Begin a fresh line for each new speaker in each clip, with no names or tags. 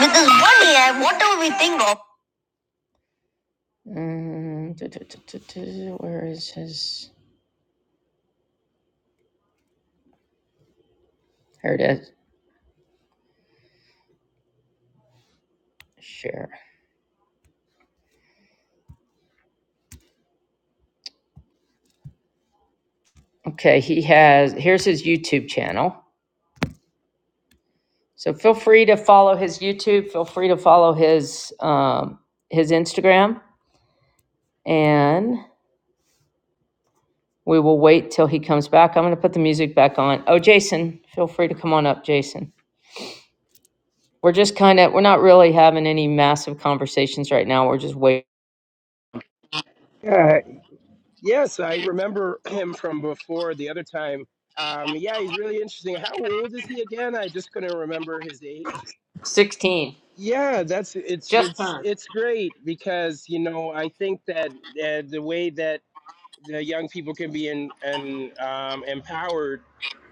With this one what do we think of?
Uh, yes, I remember him from before the other time. Um, yeah, he's really interesting. How old is he again? I just couldn't remember his age. Yeah, that's it's it's it's great because you know I think that uh, the way that the young people can be in and um, empowered.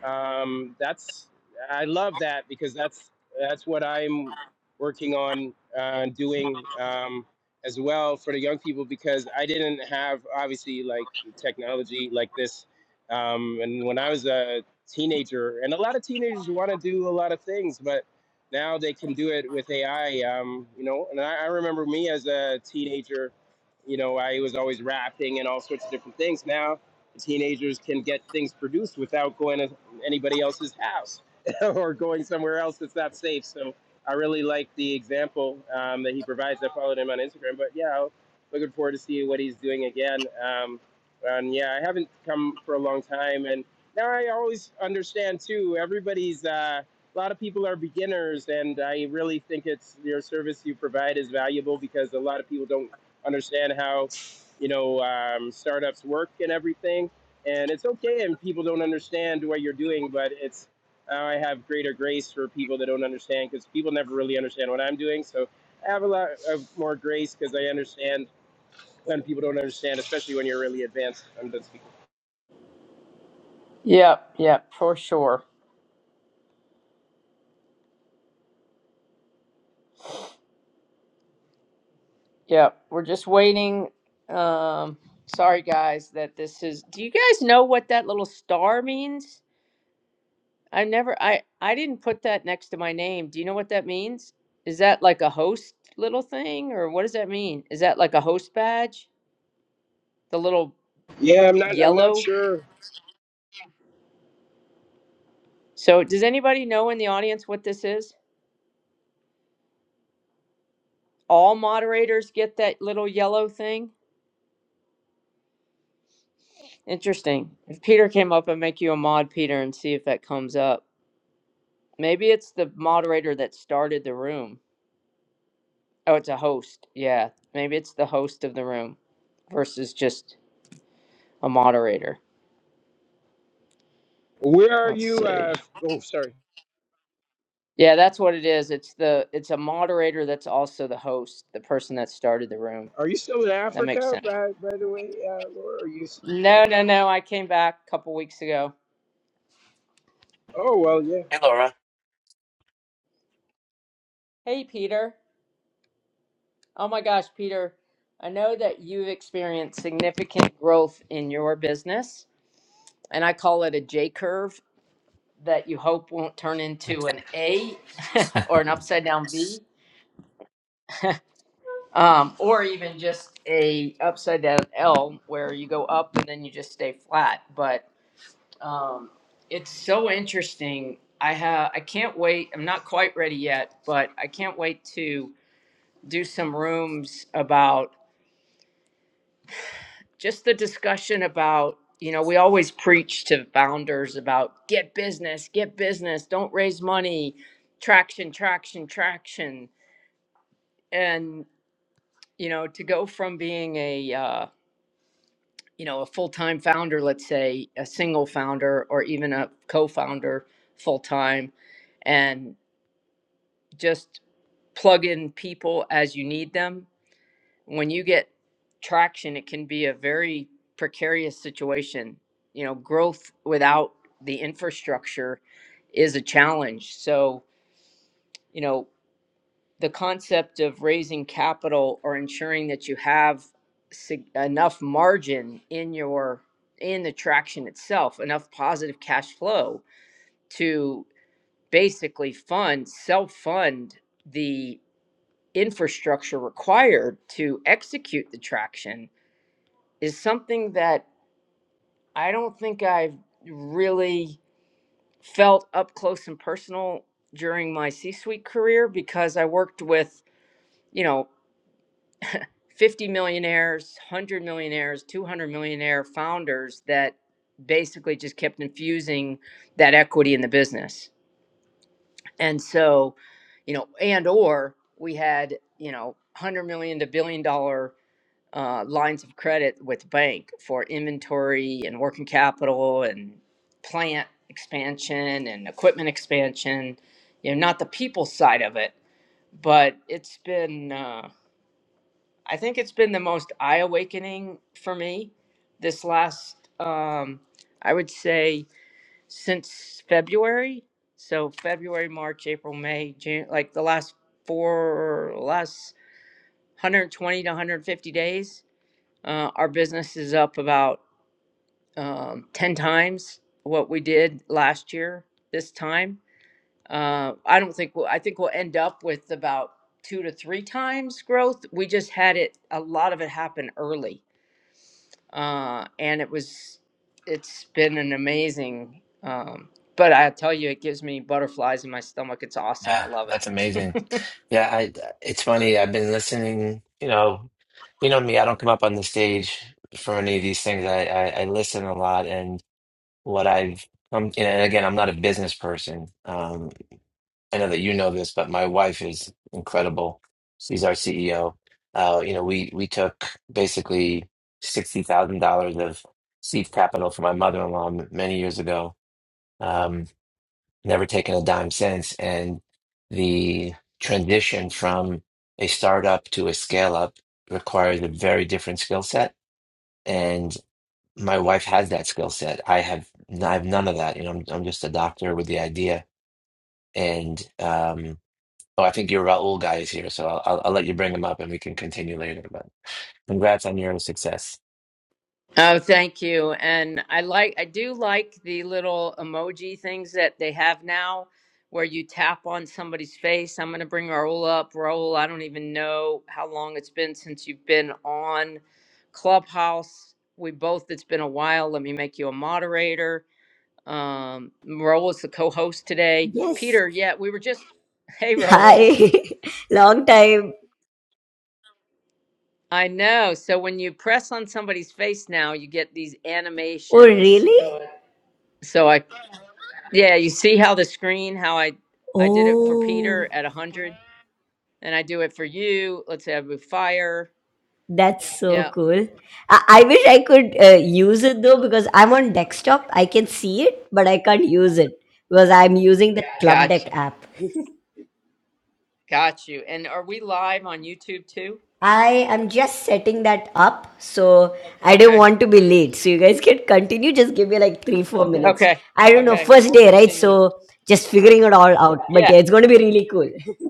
Um, that's I love that because that's that's what I'm working on uh, doing um, as well for the young people because I didn't have obviously like technology like this, um, and when I was a teenager, and a lot of teenagers want to do a lot of things, but now they can do it with AI. Um, you know, and I, I remember me as a teenager you know, I was always rapping and all sorts of different things. Now, the teenagers can get things produced without going to anybody else's house or going somewhere else that's not safe. So I really like the example um, that he provides. I followed him on Instagram, but yeah, I'm looking forward to see what he's doing again. Um, and yeah, I haven't come for a long time, and now I always understand too. Everybody's. Uh, a lot of people are beginners and i really think it's your service you provide is valuable because a lot of people don't understand how you know um, startups work and everything. And it's okay, and people don't understand what you're doing, but it's uh, I have greater grace for people that don't understand because people never really understand what I'm doing. So I have a lot of more grace because I understand when people don't understand, especially when you're really advanced. I'm done speaking. Yeah, I'm not. I'm not sure. Where are you? Uh, f- oh, sorry. Are you still in Africa, by, by the way, uh, Laura? Are you? s- travel- Oh well, yeah.
Hey Laura. Yeah, that's amazing. Yeah, I it's funny. I've been listening, you know, you know me, I don't come up on the stage for any of these things. I I, I listen a lot and what I've um, and again, I'm not a business person. Um, I know that you know this, but my wife is incredible. She's our CEO. Uh, you know, we we took basically sixty thousand dollars of seed capital from my mother-in-law m- many years ago. Um, never taken a dime since. And the transition from a startup to a scale up requires a very different skill set. And my wife has that skill set. I have I have none of that. You know, I'm I'm just a doctor with the idea. And um, oh, I think your Raul guy is here, so I'll, I'll I'll let you bring him up and we can continue later. But congrats on your success.
Yes. Hi. Long time. Oh, really? Oh, that's so cool. I, I wish I could uh, use it though because I'm on desktop. I can see it, but I can't use it because I'm using the Club Deck app. I am just setting that up, so I don't want to be late. So you guys can continue. Just give me like three, four minutes. I don't know. First day, right? So just figuring it all out. But yeah, it's going to be really cool.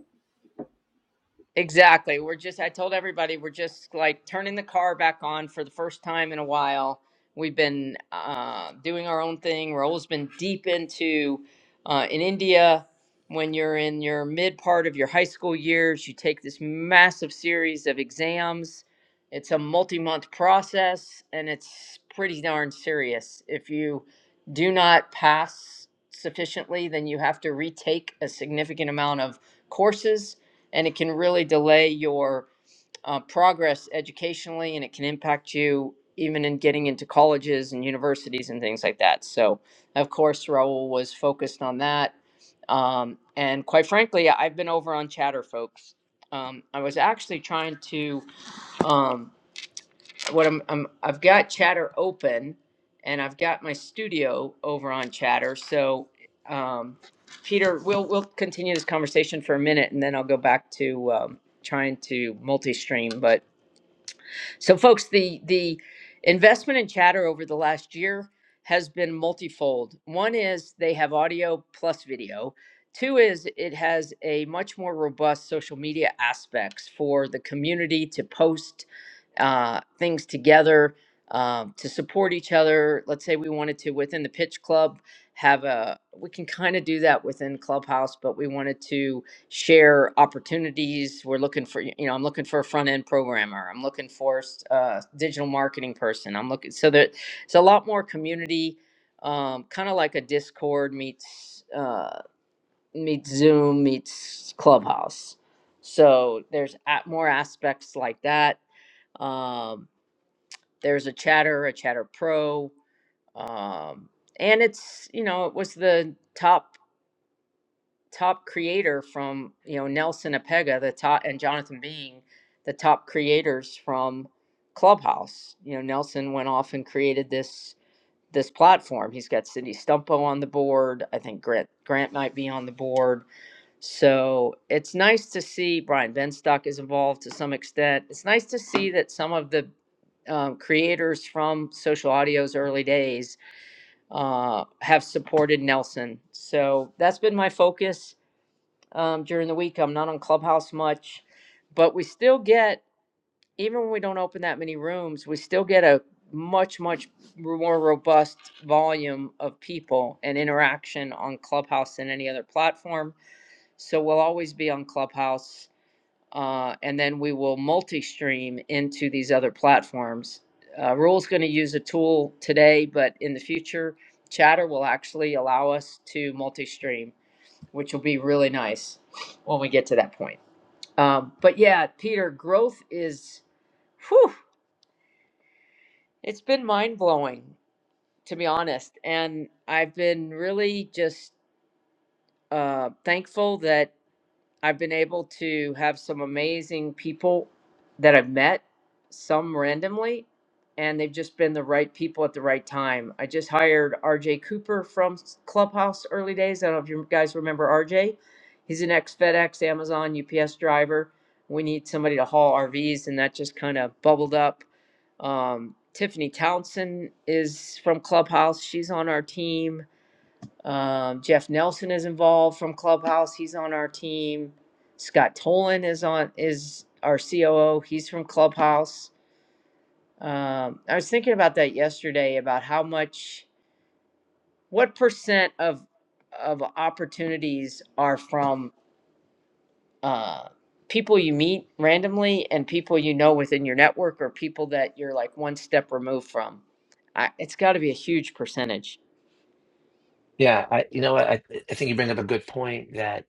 Yeah, I you know what I I think you bring up a good point that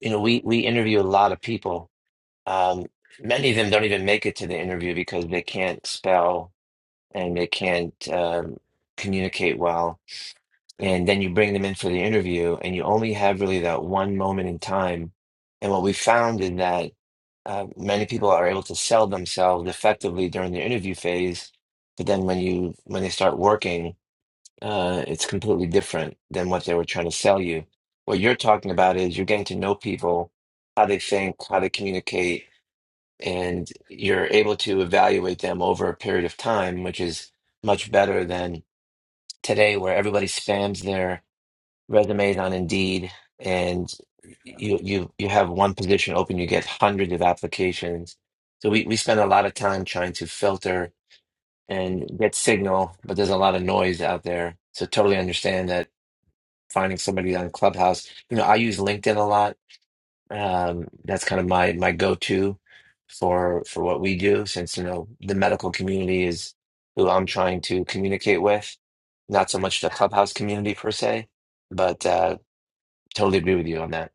you know we we interview a lot of people Um, many of them don't even make it to the interview because they can't spell and they can't um, communicate well. And then you bring them in for the interview, and you only have really that one moment in time. And what we found is that uh, many people are able to sell themselves effectively during the interview phase, but then when you when they start working, uh, it's completely different than what they were trying to sell you. What you're talking about is you're getting to know people, how they think, how they communicate and you're able to evaluate them over a period of time, which is much better than today, where everybody spams their resumes on Indeed, and you you you have one position open, you get hundreds of applications. So we we spend a lot of time trying to filter and get signal, but there's a lot of noise out there. So totally understand that finding somebody on Clubhouse. You know, I use LinkedIn a lot um, that's kind of my my go-to for for what we do, since you know the medical community is who I'm trying to communicate with, not so much the clubhouse community per se, but uh, totally agree with you on that.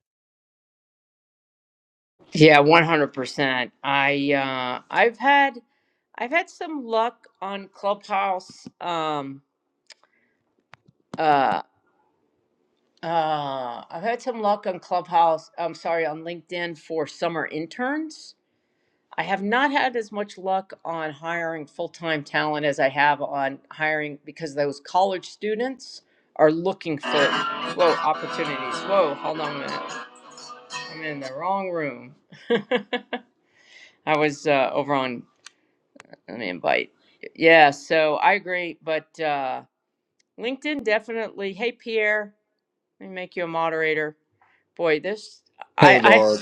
Hey, Laura,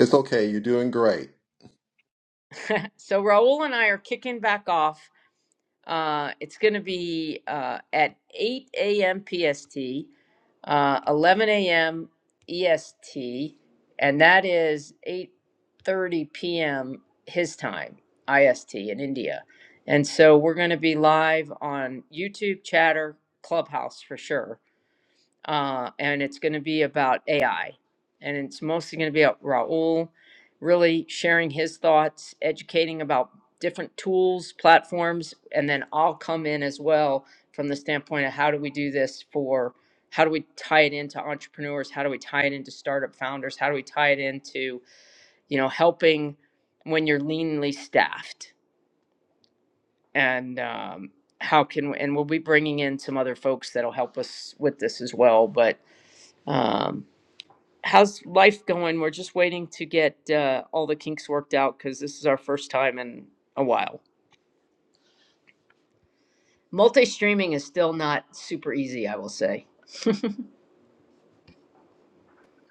it's okay. You're doing great.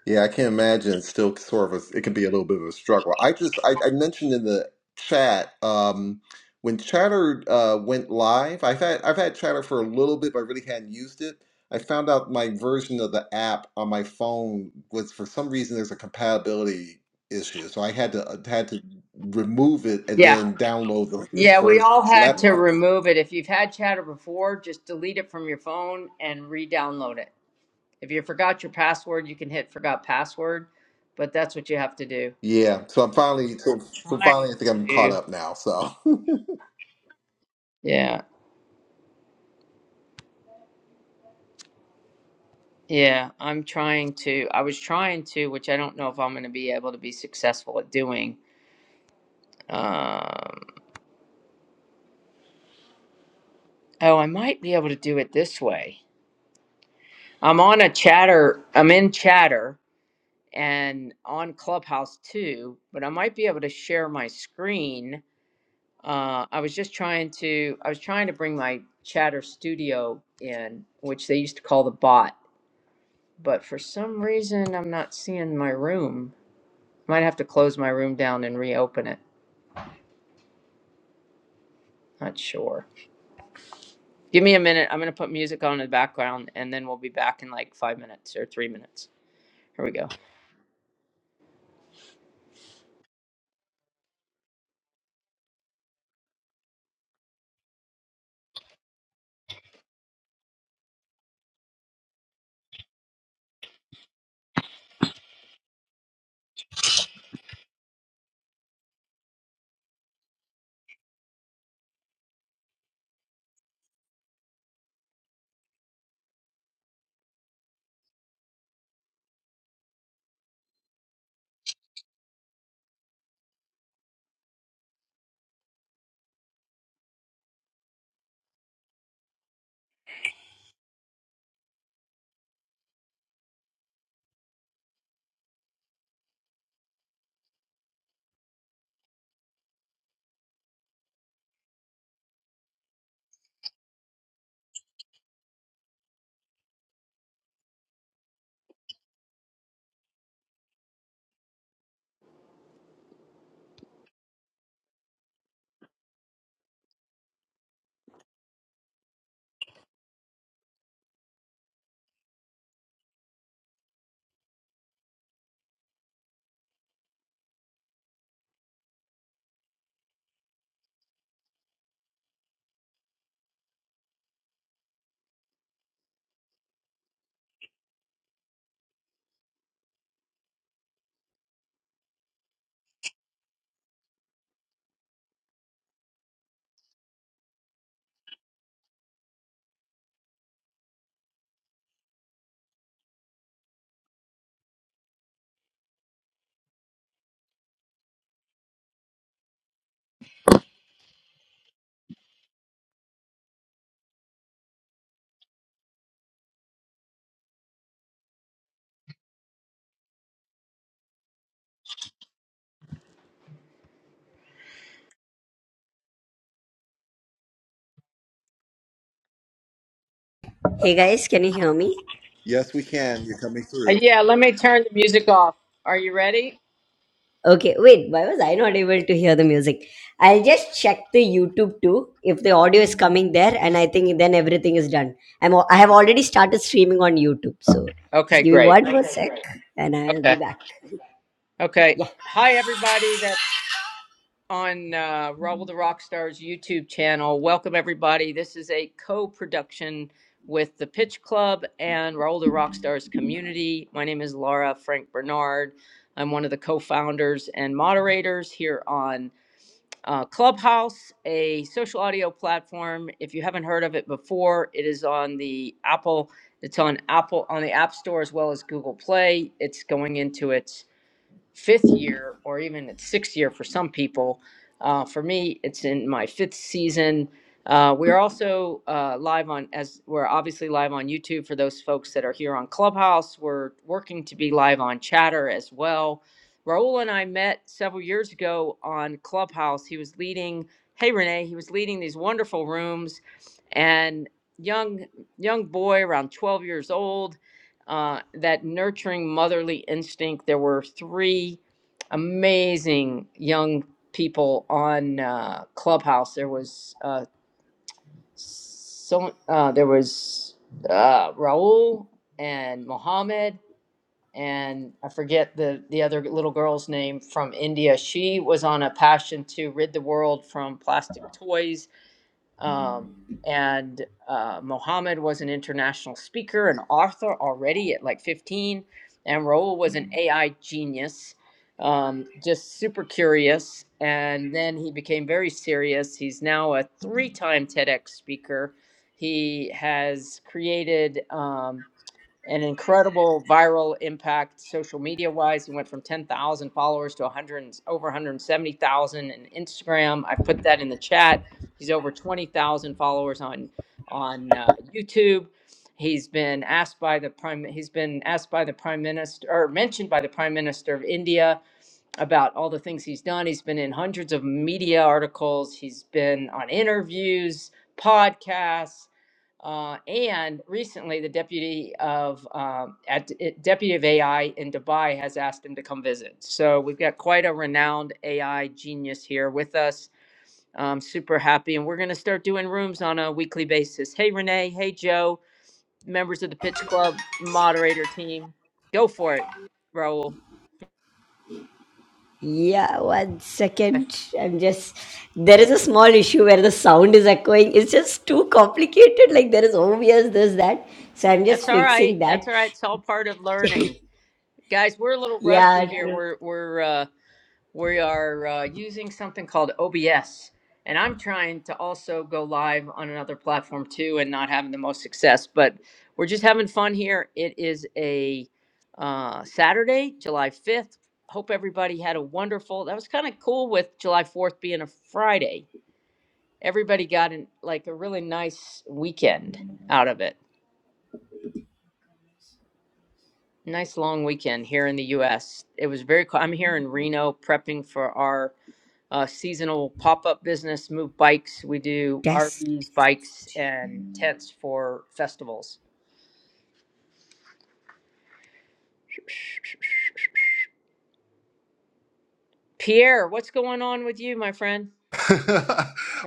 Yeah, I can imagine it's still sort of a, it can be a little bit of a struggle. I just I, I mentioned in the chat um, when Chatter uh, went live. I've had I've had Chatter for a little bit, but I really hadn't used it. I found out my version of the app on my phone was for some reason there's a compatibility issue, so I had to uh, had to remove it and then download the latest version. So that part, yeah. So I'm finally so, so finally I think I'm caught up now. So.
Hey guys, can you hear me?
Yes, we can. You're coming through.
Okay, wait, why was I not able to hear the music? I'll just check the YouTube too if the audio is coming there, and I think then everything is done. I'm al- I have already started streaming on YouTube, so just give me one more Okay, sec, great. and I'll be back. Yeah, yeah, one second. I'm just there is a small issue where the sound is echoing. It's just too complicated. Like there is obvious this that, so I'm just fixing that. Yeah, true. Test.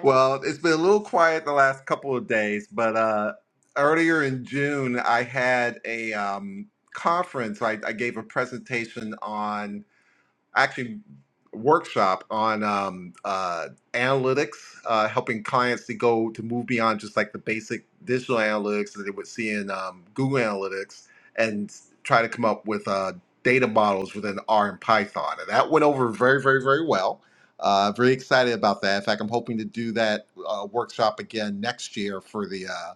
well, it's been a little quiet the last couple of days, but uh, earlier in June, I had a um, conference. I, I gave a presentation on. actually workshop on um, uh, analytics, uh, helping clients to go to move beyond just like the basic digital analytics that they would see in um, Google Analytics and try to come up with uh, data models within R and Python. And that went over very, very, very well. Uh, very excited about that. In fact, I'm hoping to do that uh, workshop again next year for the uh,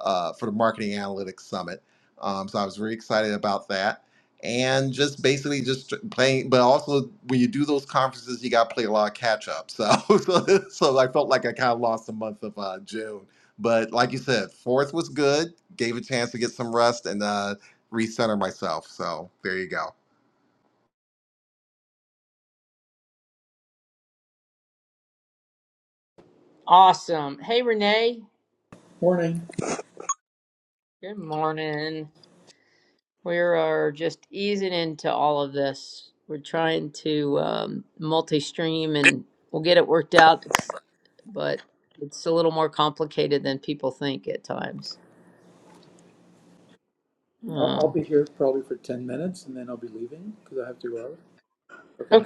uh, for the Marketing Analytics Summit. Um, so I was very excited about that and just basically just playing. But also, when you do those conferences, you got to play a lot of catch up. So, so, so I felt like I kind of lost the month of uh, June. But like you said, fourth was good. Gave a chance to get some rest and uh, recenter myself. So there you go.
Morning. I'll, be here probably for 10 minutes and then I'll be leaving because I have to go out. Okay.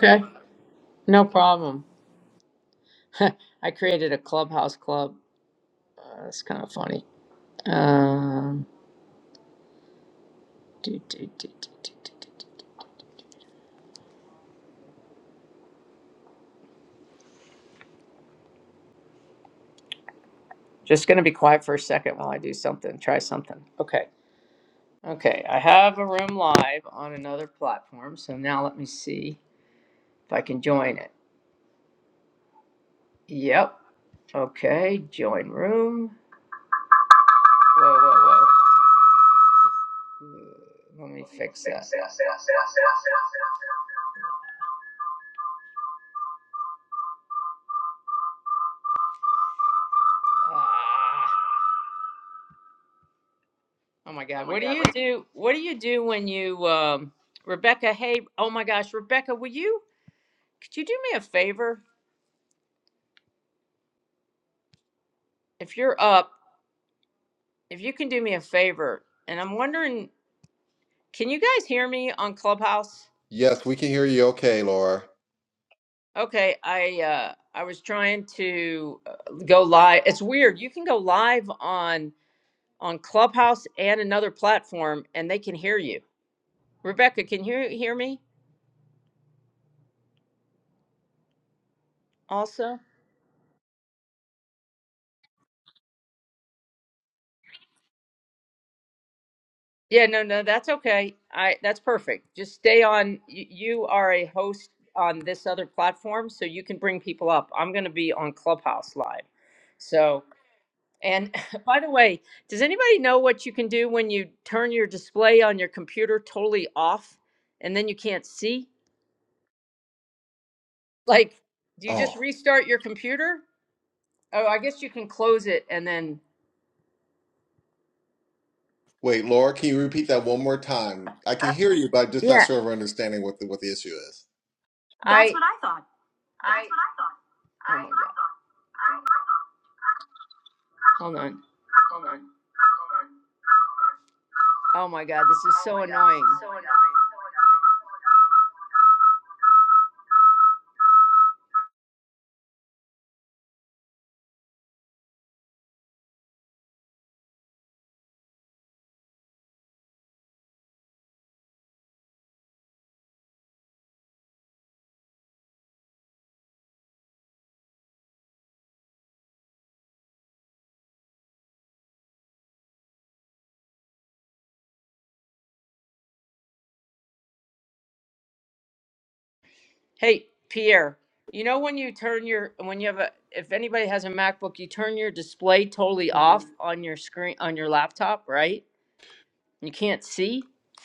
Yes, we can hear you okay, Laura. Oh, wait, Laura, can you repeat that one more time? I can hear you, but I'm just not sure of understanding what the, what the issue is.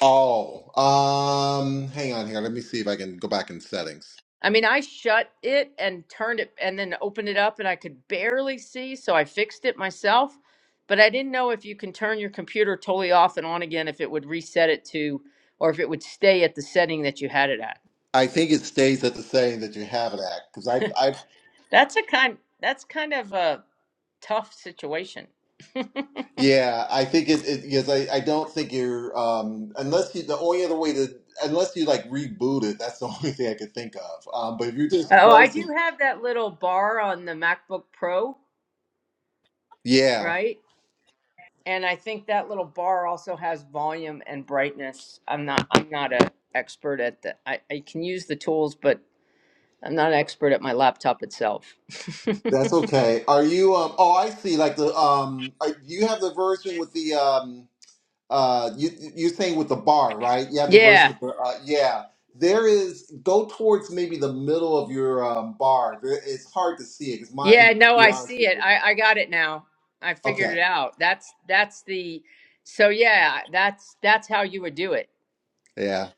Oh, um, hang on here. Let me see if I can go back in settings. I think it stays at the same that you have it at because I, I, yeah, I think it it because I, I don't think you're um unless you the only other way to unless you like reboot it that's the only thing I could think of um but if you're just frozen yeah that's okay are you um oh I see like the um are, you have the version with the um uh you you're saying with the bar right you have the version with the uh, yeah there is go towards maybe the middle of your um bar There- it's hard to see it because mine to be honest with you. Okay. Yeah.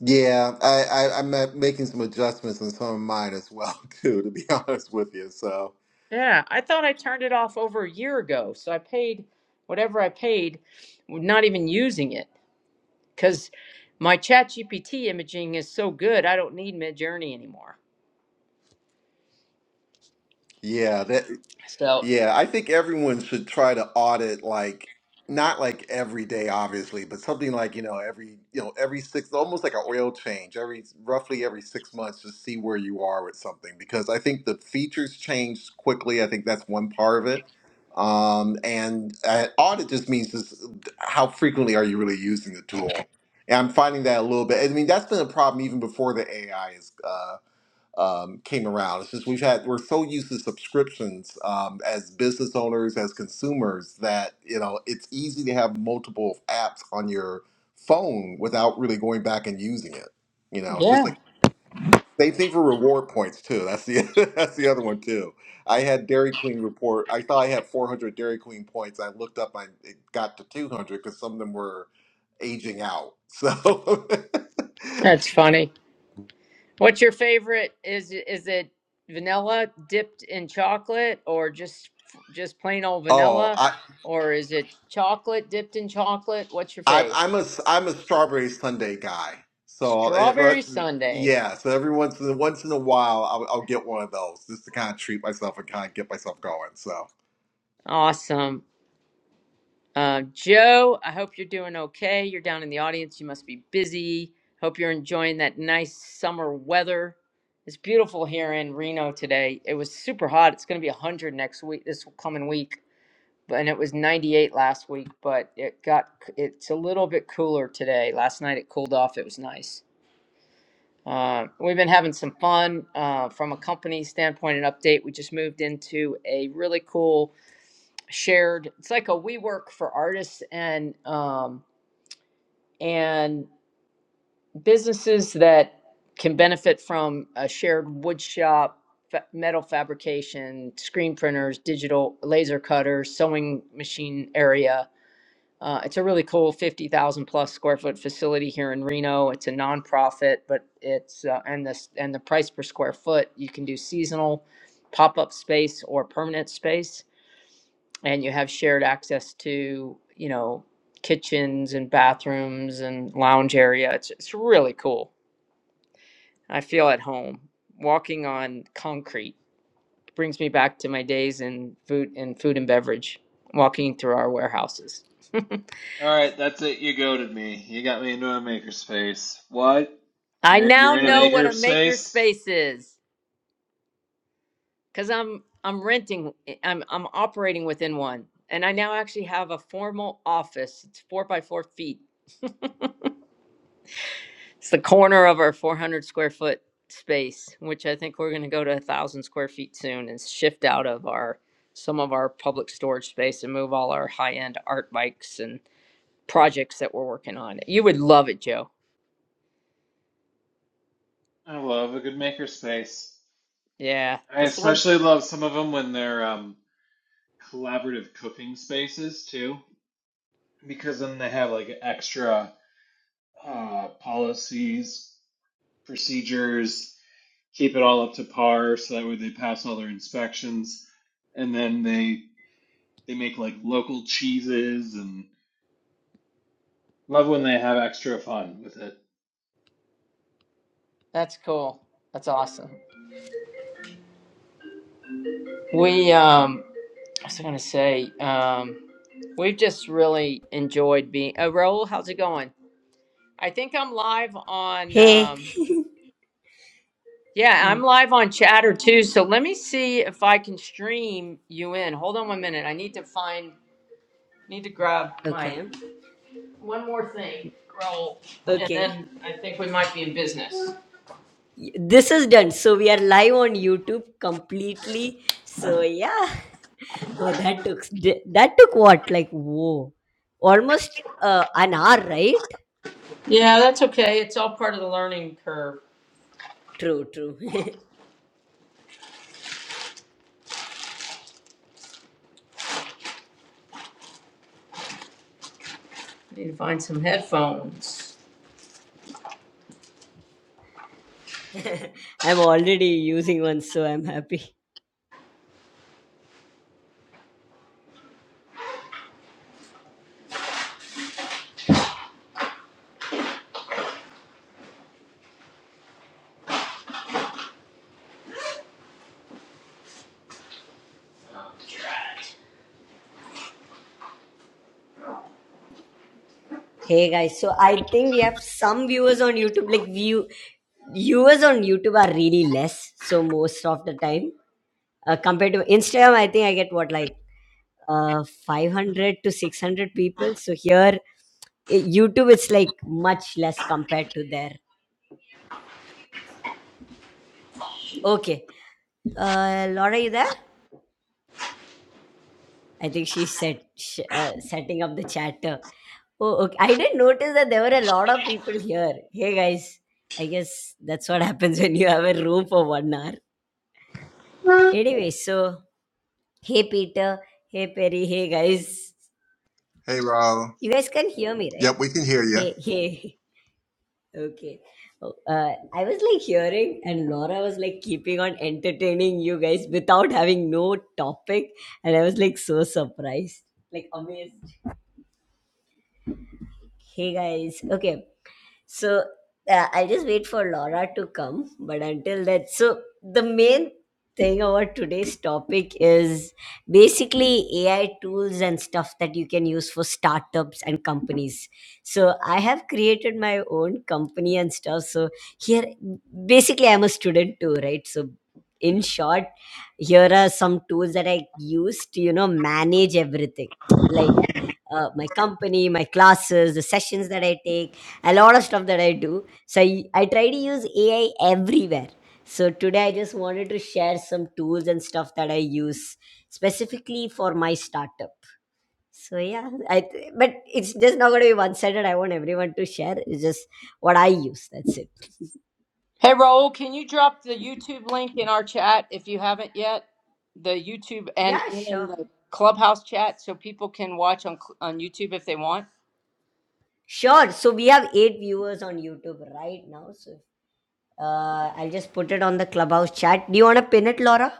Yeah. I, I I'm uh, making some adjustments on some of mine as well too, to be honest with you. So yeah, Yeah, I think everyone should try to audit like not like every day, obviously, but something like, you know, every, you know, every six, almost like an oil change, every roughly every six months to see where you are with something. Because I think the features change quickly. I think that's one part of it. Um, and uh, audit just means just uh, how frequently are you really using the tool? And I'm finding that a little bit. I mean, that's been a problem even before the AI is. uh, um, came around. It's just we've had we're so used to subscriptions um, as business owners, as consumers that you know it's easy to have multiple apps on your phone without really going back and using it. You know, it's just like same thing for reward points too. That's the that's the other one too. I had Dairy Queen report. I thought I had 400 Dairy Queen points. I looked up, I it got to 200 because some of them were aging out. So. Oh, I'm I'm a s- I'm a strawberry sundae guy. So eh, but- yeah, so every once in once in a while, I'll, I'll get one of those just to kind of treat myself and kind of get myself going. So
All right, that's it. You goaded me. You got me into a makerspace. What? You're you're in a makerspace? I love a good makerspace. I especially love some of them when they're um, collaborative cooking spaces too, because then they have like extra uh, policies, procedures, keep it all up to par, so that way they pass all their inspections, and then they they make like local cheeses and love when they have extra fun with it.
Hey. Okay. Okay. This is done. So we are live on YouTube completely. So yeah, oh, that took that took what like whoa, almost uh, an hour, right? True, true. I'm already using one, so I'm happy. Hey guys, so I think we have some viewers on YouTube. Like view viewers on YouTube are really less, so most of the time uh, compared to Instagram, I think I get what like uh 500 to 600 people. So here, eh, YouTube it's like much less compared to there. Okay, uh, Laura, you there? I think she's set sh- uh, setting up the chatter. Oh, okay. I didn't notice that there were a lot of people here. Hey guys, I guess that's what happens when you have a room for one hour. Anyway, so hey Peter, hey Perry, hey guys.
hey, Ro.
You guys can hear me, right?
Yep, we can hear you.
Hey, hey. Okay. Oh, Uh, I was like hearing, and Laura was like keeping on entertaining you guys without having no topic, and I was like so surprised, like amazed. Hey guys, okay. So uh, I just wait for Laura to come. But until that, so the main thing about today's topic is basically AI tools and stuff that you can use for startups and companies. So I have created my own company and stuff. So here, basically, I'm a student too, right? So in short, here are some tools that I use to, you know, manage everything like uh, my company, my classes, the sessions that I take a lot of stuff that I do. So I, I try to use AI everywhere. So today I just wanted to share some tools and stuff that I use specifically for my startup. So yeah, I th- but it's just not going to be one-sided. I want everyone to share. It's just what I use. That's it. Yeah, sure. Sure. So we have eight viewers on YouTube right now. So uh, I'll just put it on the clubhouse chat. Do you want to pin it, Laura?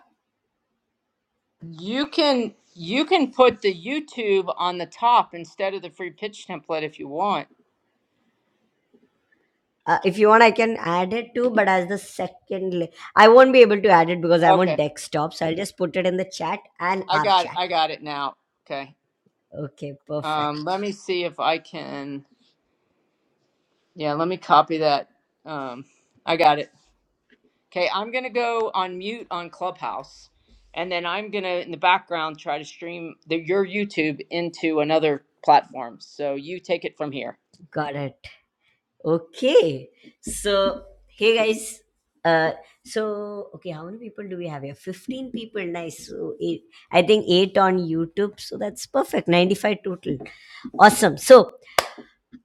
Uh, if you want, I can add it too, but as the second, la- I won't be able to add it because I'm on desktop. So I'll just put it in the chat and our chat. Okay, perfect. Got it. Okay. So, hey guys. Uh, so, okay, how many people do we have here? 15 people. Nice. So, eight, I think 8 on YouTube. So that's perfect. 95 total. Awesome. So,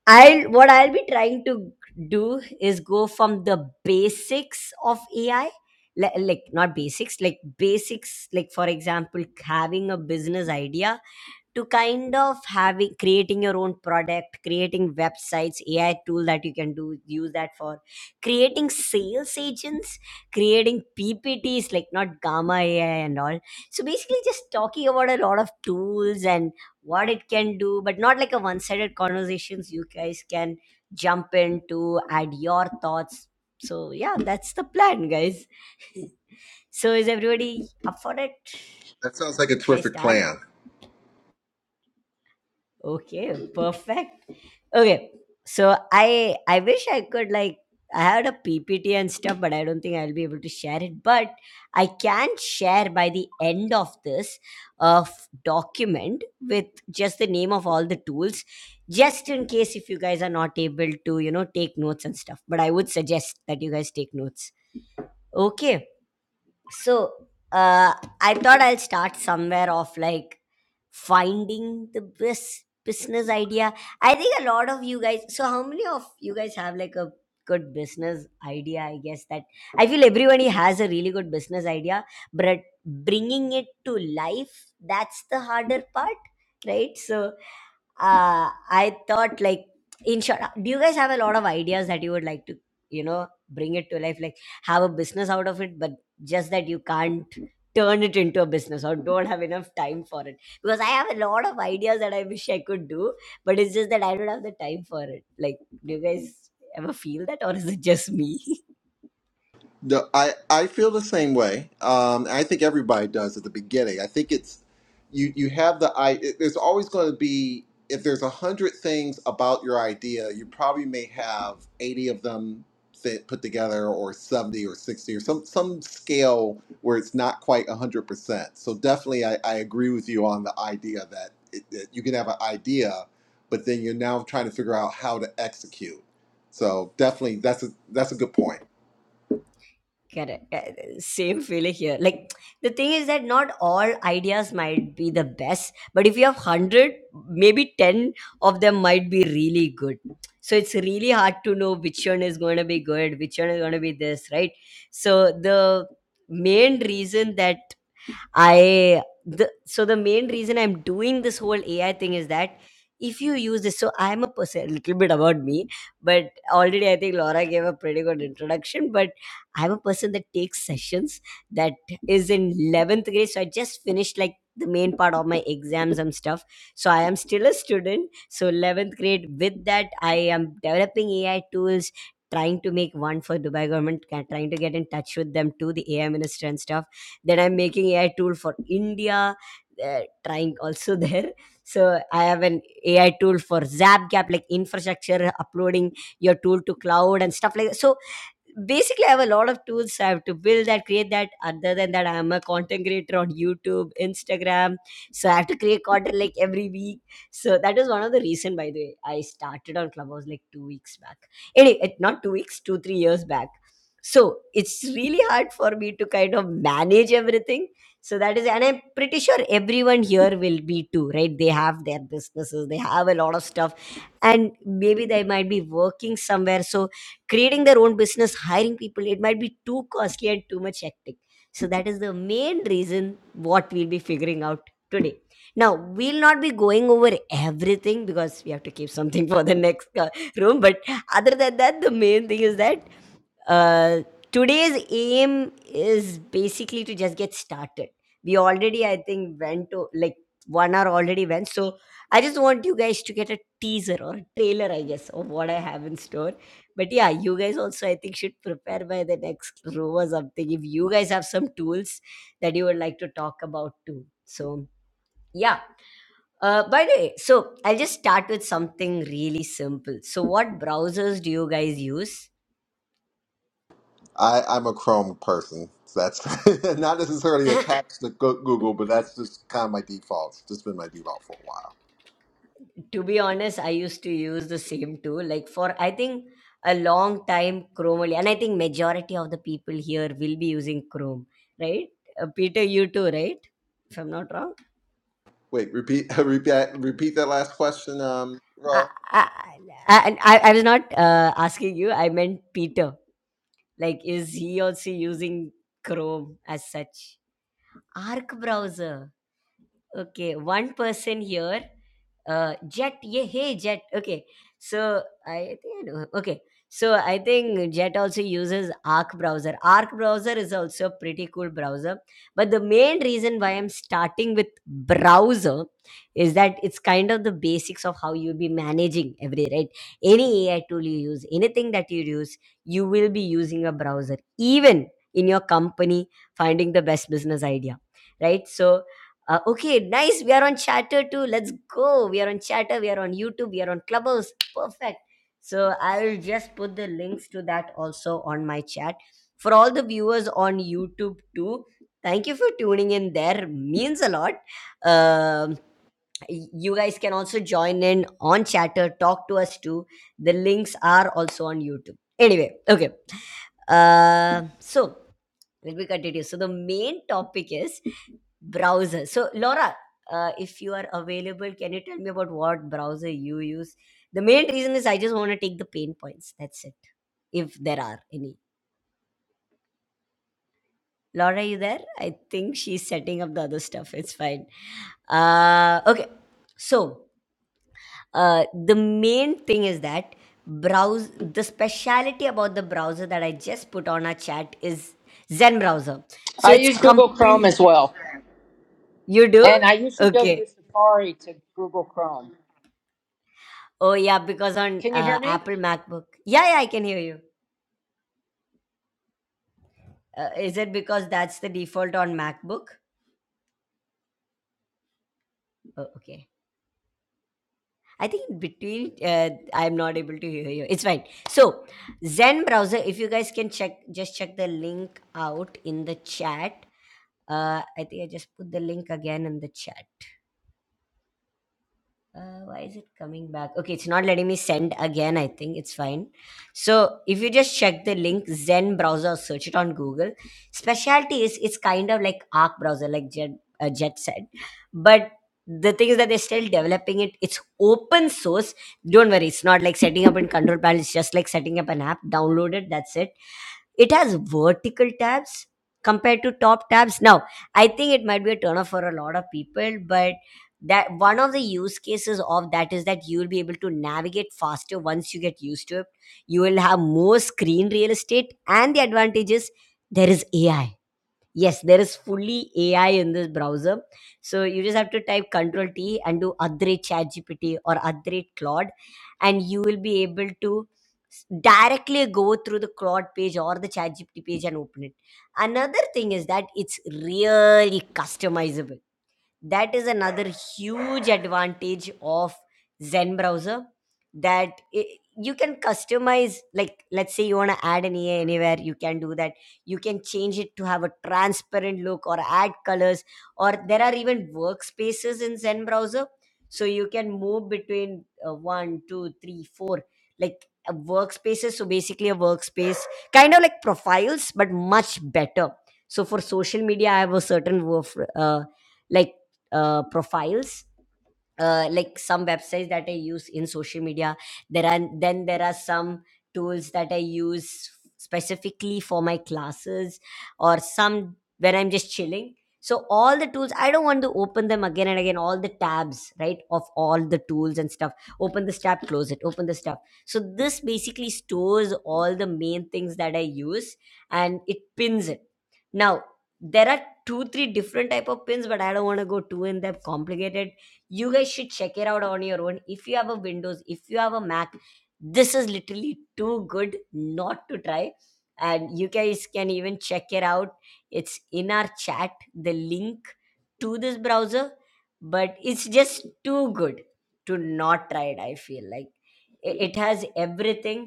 I'll what I'll be trying to do is go from the basics of AI, li- like not basics, like basics, like for example, having a business idea to kind of having creating your own product creating websites ai tool that you can do use that for creating sales agents creating ppts like not gamma ai and all so basically just talking about a lot of tools and what it can do but not like a one-sided conversations you guys can jump in to add your thoughts so yeah that's the plan guys so is everybody up for it
That sounds like a
should i
terrific
start
plan.
okay perfect Okay. So I I wish I could like I had a PPT and stuff, but I don't think I'll be able to share it. But I can share by the end of this uh, f- document with just the name of all the tools, just in case if you guys are not able to, you know, take notes and stuff. But I would suggest that you guys take notes. Okay. So uh, I thought I'll start somewhere off like finding the best business idea. I think a lot of you guys. So, how many of you guys have like a good business idea? I guess that I feel everybody has a really good business idea, but bringing it to life that's the harder part, right? So, uh, I thought like in short, do you guys have a lot of ideas that you would like to, you know, bring it to life, like have a business out of it, but just that you can't turn it into a business or don't have enough time for it. Because I have a lot of ideas that I wish I could do, but it's just that I don't have the time for it. Like, do you guys ever feel that or is it just me?
The, I, I feel the same way. Um, I think everybody does at the beginning. I think it's you you have the I. It, there's always going to be if there's a hundred things about your idea, you probably may have eighty of them fit, put together, or seventy, or sixty, or some some scale where it's not quite a hundred percent. So definitely, I, I agree with you on the idea that, it, that you can have an idea, but then you're now trying to figure out how to execute. So definitely, that's a that's a good point.
Correct. Uh, uh, Same feeling here. Like the thing is that not all ideas might be the best, but if you have hundred, maybe ten of them might be really good. So it's really hard to know which one is going to be good, which one is going to be this, right? So the main reason that I the so the main reason I'm doing this whole AI thing is that if you use this, so I'm a person a little bit about me, but already I think Laura gave a pretty good introduction. But I'm a person that takes sessions that is in 11th grade, so I just finished like the main part of my exams and stuff. So I am still a student. So 11th grade, with that, I am developing AI tools, trying to make one for Dubai government, ca- trying to get in touch with them to the AI minister and stuff then i'm making ai tool for india uh, trying also there so i have an ai tool for zapgap like infrastructure uploading your tool to cloud and stuff like that so basically i have a lot of tools i have to build that create that other than that i'm a content creator on youtube instagram so i have to create content like every week so that is one of the reason by the way i started on clubhouse like two weeks back anyway it- not two weeks two three years back so it's really hard for me to kind of manage everything. So that is, and I'm pretty sure everyone here will be too, right? They have their businesses, they have a lot of stuff, and maybe they might be working somewhere. So creating their own business, hiring people, it might be too costly and too much hectic. So that is the main reason what we'll be figuring out today. Now, we'll not be going over everything because we have to keep something for the next uh, room. But other than that, the main thing is that uh, today's aim is basically to just get started we already i think went to like one hour already went so i just want you guys to get a teaser or a trailer i guess of what i have in store but yeah you guys also i think should prepare by the next row or something if you guys have some tools that you would like to talk about too so yeah uh, by the way, so I'll just start with something really simple. So, what browsers do you guys use?
I, I'm a Chrome person. So that's not necessarily attached to Go- Google, but that's just kind of my default. It's just been my default for a while.
to be honest i used to use the same tool like for i think a long time chrome only and i think majority of the people here will be using chrome right uh, peter you too right if i'm not wrong
Wait, repeat, repeat, repeat that last question, um,
i
Raul.
i i, I, I was not uh, asking you i meant peter like is he also using chrome as such arc browser Okay, one person here. Uh, Jet, yeah, hey Jet. Okay, so I think I know. Okay, so I think Jet also uses Arc browser. Arc browser is also a pretty cool browser, but the main reason why I'm starting with browser is that it's kind of the basics of how you'll be managing every right. Any AI tool you use, anything that you use, you will be using a browser, even in your company finding the best business idea right so uh, okay, nice. We are on Chatter too. Let's go. We are on Chatter. We are on YouTube. We are on Clubhouse. Perfect. So I'll just put the links to that also on my chat. For all the viewers on YouTube too, thank you for tuning in there. Means a lot. Um, y- you guys can also join in on Chatter. Talk to us too. The links are also on YouTube. Anyway, okay. Uh, so let me continue. So the main topic is browser. So Laura, uh, if you are available, can you tell me about what browser you use? The main reason is I just want to take the pain points. That's it. If there are any. Laura, you there? I think she's setting up the other stuff. It's fine. Uh, okay. So uh, the main thing is that browse the speciality about the browser that I just put on our chat is Zen browser. So it's complete. You do? Okay. Oh, yeah, because on uh, Apple MacBook. Yeah, yeah, I can hear you. Uh, is it because that's the default on MacBook? Oh, okay. I think between, uh, I'm not able to hear you. It's fine. So, Zen browser, if you guys can check, just check the link out in the chat. Uh, I think I just put the link again in the chat. Uh, why is it coming back? Okay, it's not letting me send again. I think it's fine. So if you just check the link Zen browser, search it on Google. Specialty is it's kind of like Arc browser, like Jet uh, Jet said, but the thing is that they're still developing it. It's open source. Don't worry, it's not like setting up in control panel. It's just like setting up an app. Download it. That's it. It has vertical tabs compared to top tabs. Now, I think it might be a turnoff for a lot of people, but that one of the use cases of that is that you will be able to navigate faster once you get used to it. You will have more screen real estate, and the advantage is there is AI Yes, there is fully AI in this browser. So you just have to type Control T and do Adre ChatGPT or Adre Claude, and you will be able to s- directly go through the Claude page or the ChatGPT page and open it. Another thing is that it's really customizable that is another huge advantage of zen browser that i- you can customize like let's say you want to add an ea anywhere you can do that you can change it to have a transparent look or add colors or there are even workspaces in zen browser so you can move between uh, one two three four like uh, workspaces so basically a workspace kind of like profiles but much better so for social media i have a certain work uh, like uh, profiles uh, like some websites that I use in social media. There are then there are some tools that I use specifically for my classes or some when I'm just chilling. So all the tools, I don't want to open them again and again. All the tabs, right, of all the tools and stuff. Open this tab, close it. Open this tab. So this basically stores all the main things that I use and it pins it. Now there are two, three different type of pins, but I don't want to go too in depth, complicated you guys should check it out on your own if you have a windows if you have a mac this is literally too good not to try and you guys can even check it out it's in our chat the link to this browser but it's just too good to not try it i feel like it, it has everything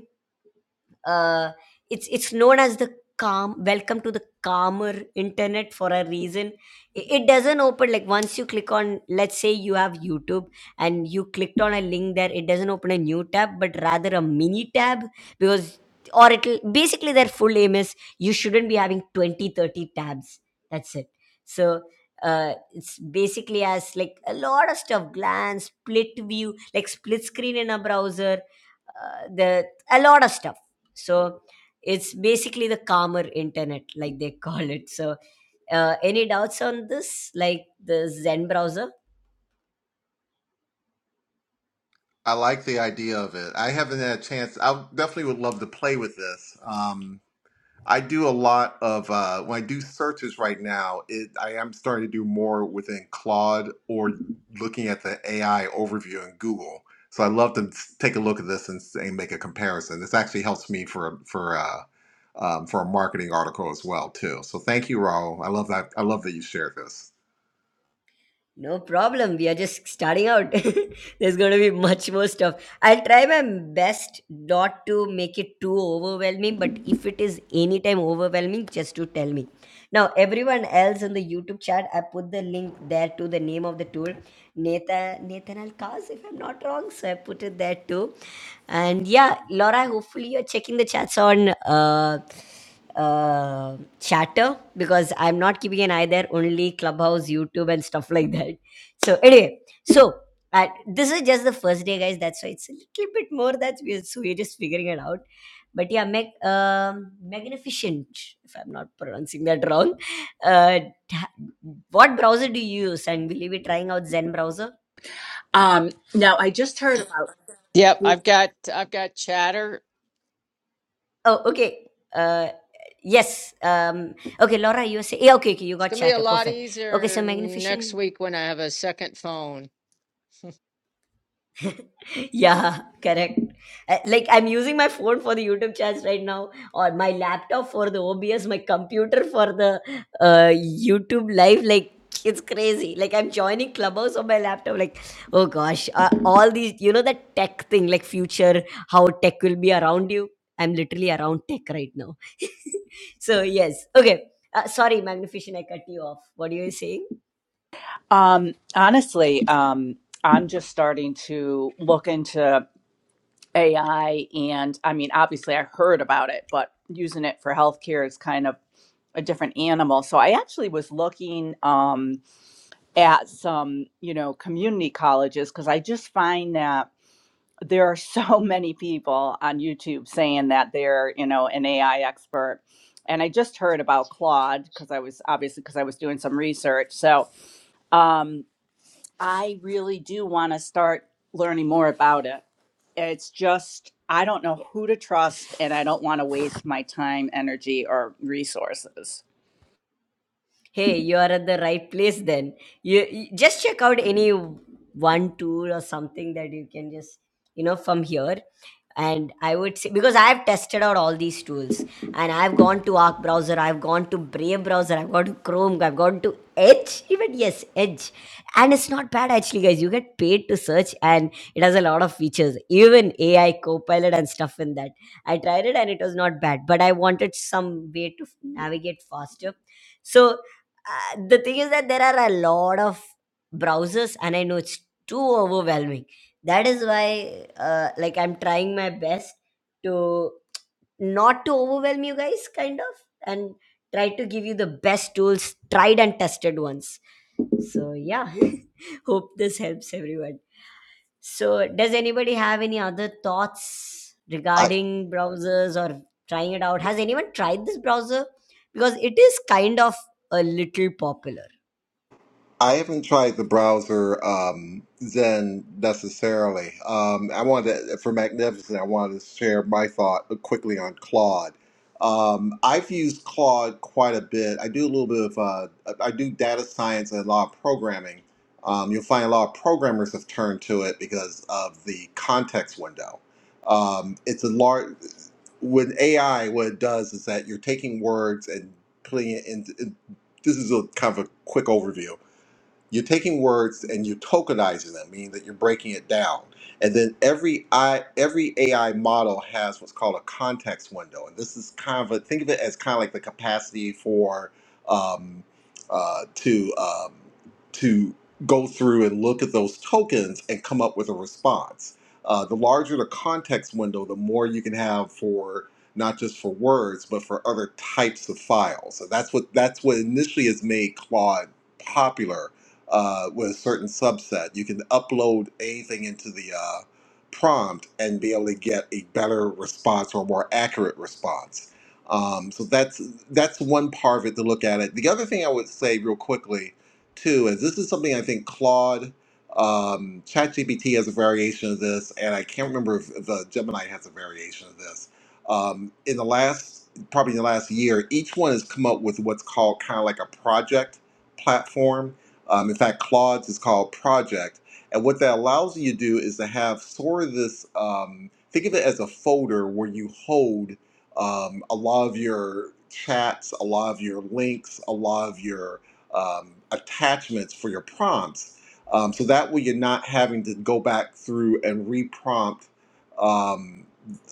uh, it's it's known as the calm welcome to the calmer internet for a reason I- it doesn't open like once you click on let's say you have youtube and you clicked on a link there it doesn't open a new tab but rather a mini tab because or it'll basically their full aim is you shouldn't be having 20 30 tabs that's it so uh, it's basically as like a lot of stuff glance split view like split screen in a browser uh, the a lot of stuff so it's basically the calmer internet like they call it so uh, any doubts on this like the zen browser
I like the idea of it. I haven't had a chance. I definitely would love to play with this. Um, I do a lot of uh, when I do searches right now. It, I am starting to do more within Claude or looking at the AI overview in Google. So I love to s- take a look at this and, s- and make a comparison. This actually helps me for for uh, um, for a marketing article as well too. So thank you, Raul. I love that. I love that you shared this.
No problem. We are just starting out. There's going to be much more stuff. I'll try my best not to make it too overwhelming, but if it is anytime overwhelming, just to tell me. Now, everyone else in the YouTube chat, I put the link there to the name of the tool, Nathan, Nathan Alcaz, if I'm not wrong. So I put it there too. And yeah, Laura, hopefully you're checking the chats on. Uh, uh, chatter because I'm not keeping an eye there, only Clubhouse, YouTube, and stuff like that. So, anyway, so uh, this is just the first day, guys. That's why it's a little bit more that we're, so we're just figuring it out. But yeah, mag- um, magnificent, if I'm not pronouncing that wrong. Uh, ha- what browser do you use? And will you be trying out Zen browser?
Um, now I just heard about
Oh, okay. Uh, yes. Um, okay, Laura, you say, yeah, okay, okay, you got chatter. Perfect. Okay, so magnificent. yeah correct Uh, like i'm using my phone for the youtube chats right now or my laptop for the obs my computer for the uh, youtube live like it's crazy like i'm joining clubhouse on my laptop like oh gosh uh, all these you know that tech thing like future how tech will be around you i'm literally around tech right now so yes okay uh, sorry magnificent i cut you off what are you saying
Um, honestly, um, I'm just starting to look into AI, and I mean, obviously, I heard about it, but using it for healthcare is kind of a different animal. So I actually was looking um, at some, you know, community colleges because I just find that there are so many people on YouTube saying that they're, you know, an AI expert. And I just heard about Claude because I was obviously because I was doing some research. So um, I really do want to start learning more about it. It's just, I don't know who to trust and I don't want to waste my time, energy, or resources.
Hey, you are at the right place then. You, you- just check out any one tool or something that you can just, you know, from here. And I would say because I've tested out all these tools and I've gone to Arc browser, I've gone to Brave browser, I've gone to Chrome, I've gone to Edge, even yes, Edge. And it's not bad actually, guys. You get paid to search and it has a lot of features, even AI copilot and stuff in that. I tried it and it was not bad, but I wanted some way to navigate faster. So uh, the thing is that there are a lot of browsers and i know it's too overwhelming that is why uh, like i'm trying my best to not to overwhelm you guys kind of and try to give you the best tools tried and tested ones so yeah hope this helps everyone so does anybody have any other thoughts regarding browsers or trying it out has anyone tried this browser because it is kind of a little popular
I haven't tried the browser um, Zen necessarily. Um, I wanted to, for Magnificent, I wanted to share my thought uh, quickly on Claude. Um, I've used Claude quite a bit. I do a little bit of, uh, I do data science and a lot of programming. Um, you'll find a lot of programmers have turned to it because of the context window. Um, it's a large, with AI, what it does is that you're taking words and putting it into, this is a kind of a quick overview you're taking words and you're tokenizing them, meaning that you're breaking it down. And then every I every AI model has what's called a context window, and this is kind of a think of it as kind of like the capacity for um, uh, to um, to go through and look at those tokens and come up with a response. Uh, the larger the context window, the more you can have for not just for words but for other types of files. So that's what that's what initially has made Claude popular uh, with a certain subset. You can upload anything into the uh, prompt and be able to get a better response or a more accurate response. Um, so that's that's one part of it to look at it. The other thing I would say real quickly too is this is something I think Claude um, ChatGPT has a variation of this, and I can't remember if the Gemini has a variation of this. Um, in the last probably in the last year, each one has come up with what's called kind of like a project platform um, in fact, Claude's is called Project. And what that allows you to do is to have sort of this um, think of it as a folder where you hold um, a lot of your chats, a lot of your links, a lot of your um, attachments for your prompts. Um, so that way you're not having to go back through and reprompt um,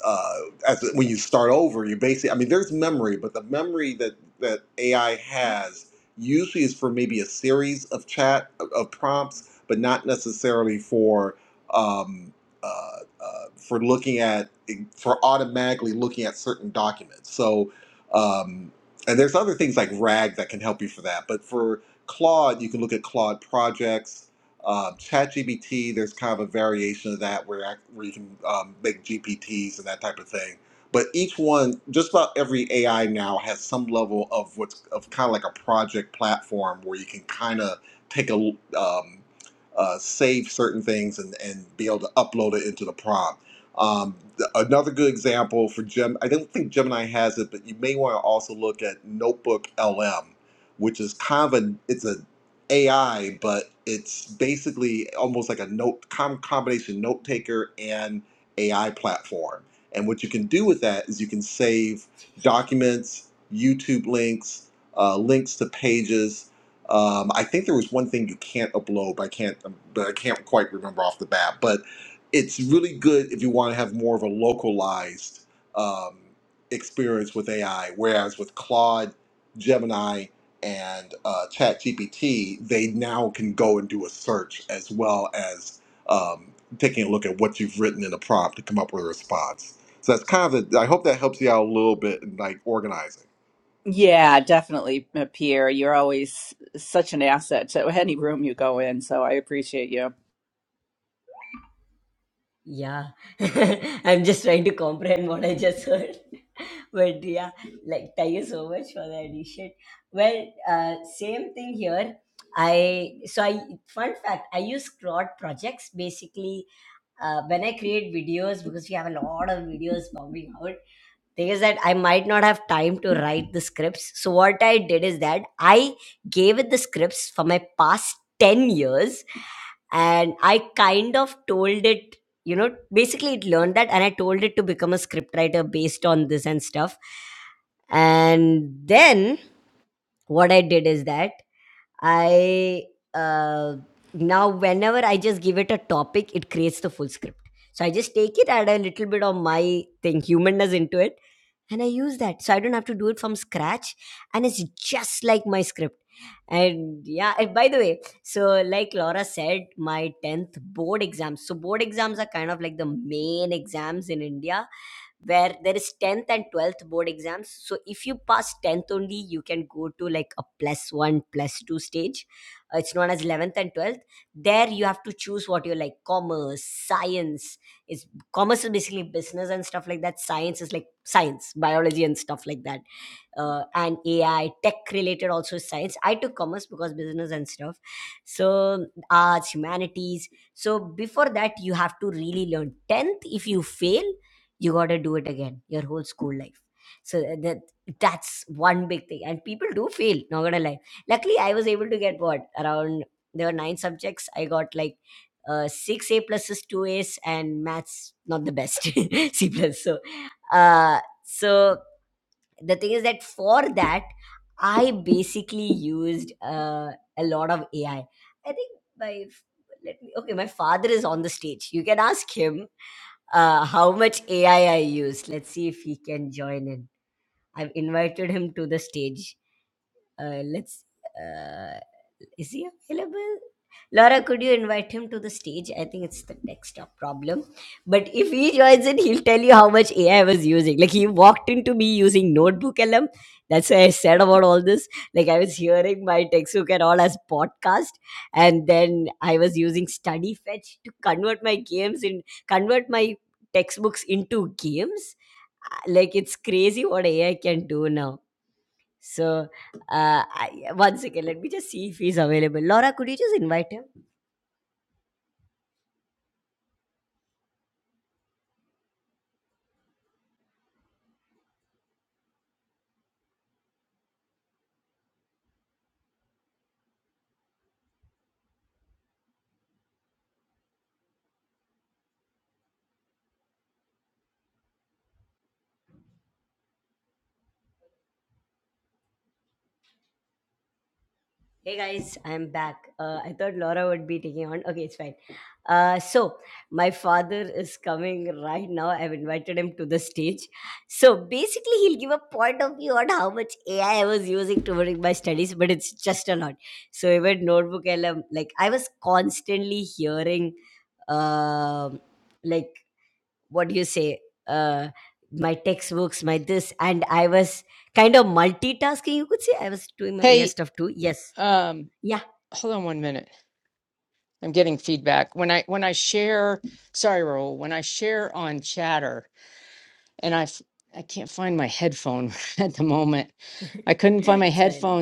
uh, as when you start over. You basically, I mean, there's memory, but the memory that that AI has Usually is for maybe a series of chat of prompts, but not necessarily for um, uh, uh, for looking at for automatically looking at certain documents. So um, and there's other things like RAG that can help you for that. But for Claude, you can look at Claude projects. Um, ChatGPT, there's kind of a variation of that where, act- where you can um, make GPTs and that type of thing but each one, just about every AI now has some level of what's of kind of like a project platform where you can kind of take a um, uh, save certain things and, and be able to upload it into the prompt. Um, th- another good example for Gem, I don't think Gemini has it, but you may want to also look at Notebook LM, which is kind of a it's a AI, but it's basically almost like a note com- combination note taker and AI platform and what you can do with that is you can save documents, YouTube links, uh, links to pages. Um, I think there was one thing you can't upload, but I can't, um, but I can't quite remember off the bat. But it's really good if you want to have more of a localized um, experience with AI. Whereas with Claude, Gemini, and uh, ChatGPT, they now can go and do a search as well as um, taking a look at what you've written in a prompt to come up with a response. So that's kind of the. I hope that helps you out a little bit in like organizing.
Yeah, definitely, uh, Pierre. You're always such an asset to any room you go in. So I appreciate you.
Yeah, I'm just trying to comprehend what I just heard. But yeah, like thank you so much for the addition. Well, uh, same thing here. I so I fun fact I use Claude projects basically uh, when I create videos because we have a lot of videos bombing out thing is that I might not have time to write the scripts. So what I did is that I gave it the scripts for my past 10 years and I kind of told it, you know, basically it learned that and I told it to become a scriptwriter based on this and stuff. And then what I did is that I uh, now whenever I just give it a topic, it creates the full script. So I just take it, add a little bit of my thing, humanness into it, and I use that. So I don't have to do it from scratch, and it's just like my script. And yeah, and by the way, so like Laura said, my 10th board exams. So board exams are kind of like the main exams in India where there is 10th and 12th board exams so if you pass 10th only you can go to like a plus 1 plus 2 stage Uh, it's known as 11th and 12th there you have to choose what you like commerce science is commerce is basically business and stuff like that science is like science biology and stuff like that uh, and AI, tech related also science. I took commerce because business and stuff. So arts, humanities. So before that, you have to really learn. Tenth, if you fail, you gotta do it again your whole school life. So uh, that that's one big thing. And people do fail. Not gonna lie. Luckily, I was able to get what around there were nine subjects. I got like uh, six A pluses, two A's, and maths not the best C plus. So, uh, so the thing is that for that i basically used uh, a lot of ai i I think my let me okay my father is on the stage you can ask him uh, how much ai i I used let's see if he can join in i've invited him to the stage uh, let's. Uh, is he available? Laura, could you invite him to the stage? I think it's the desktop problem. But if he joins in, he'll tell you how much AI was using. Like he walked into me using notebook LM. That's why I said about all this. Like I was hearing my textbook and all as podcast, and then I was using study fetch to convert my games in convert my textbooks into games. Uh, Like it's crazy what AI can do now. So, uh, I, one second, let me just see if he's available. Laura, could you just invite him? Hey guys, I'm back. Uh, I thought Laura would be taking on. Okay, it's fine. Uh, so, my father is coming right now. I've invited him to the stage. So, basically, he'll give a point of view on how much AI I I was using during my studies, but it's just a lot. So, even Notebook LM, like, I was constantly hearing. um like what do you say uh my textbooks my this and i was kind of multitasking you could say i was doing my as stuff too yes yeah so and-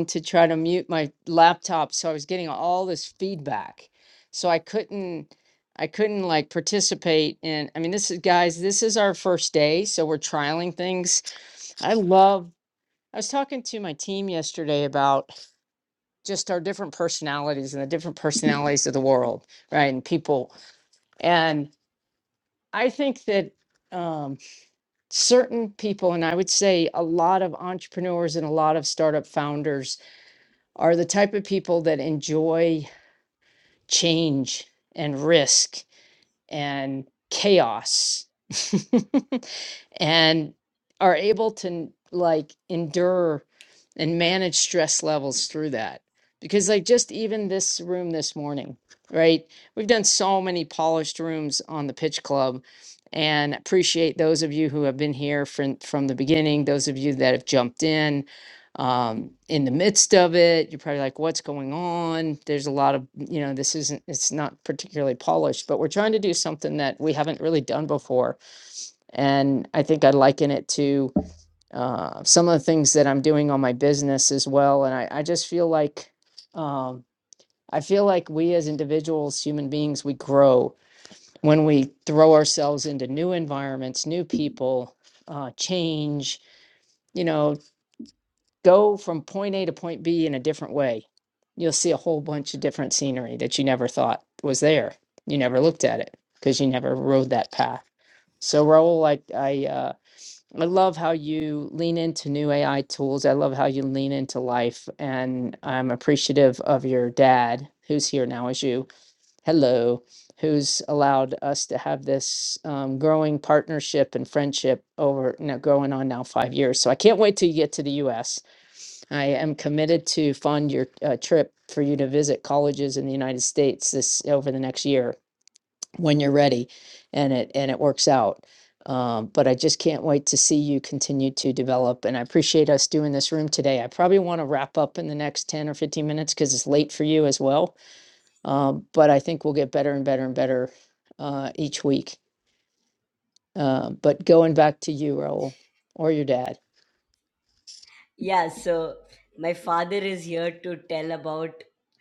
yeah so my father is here to tell about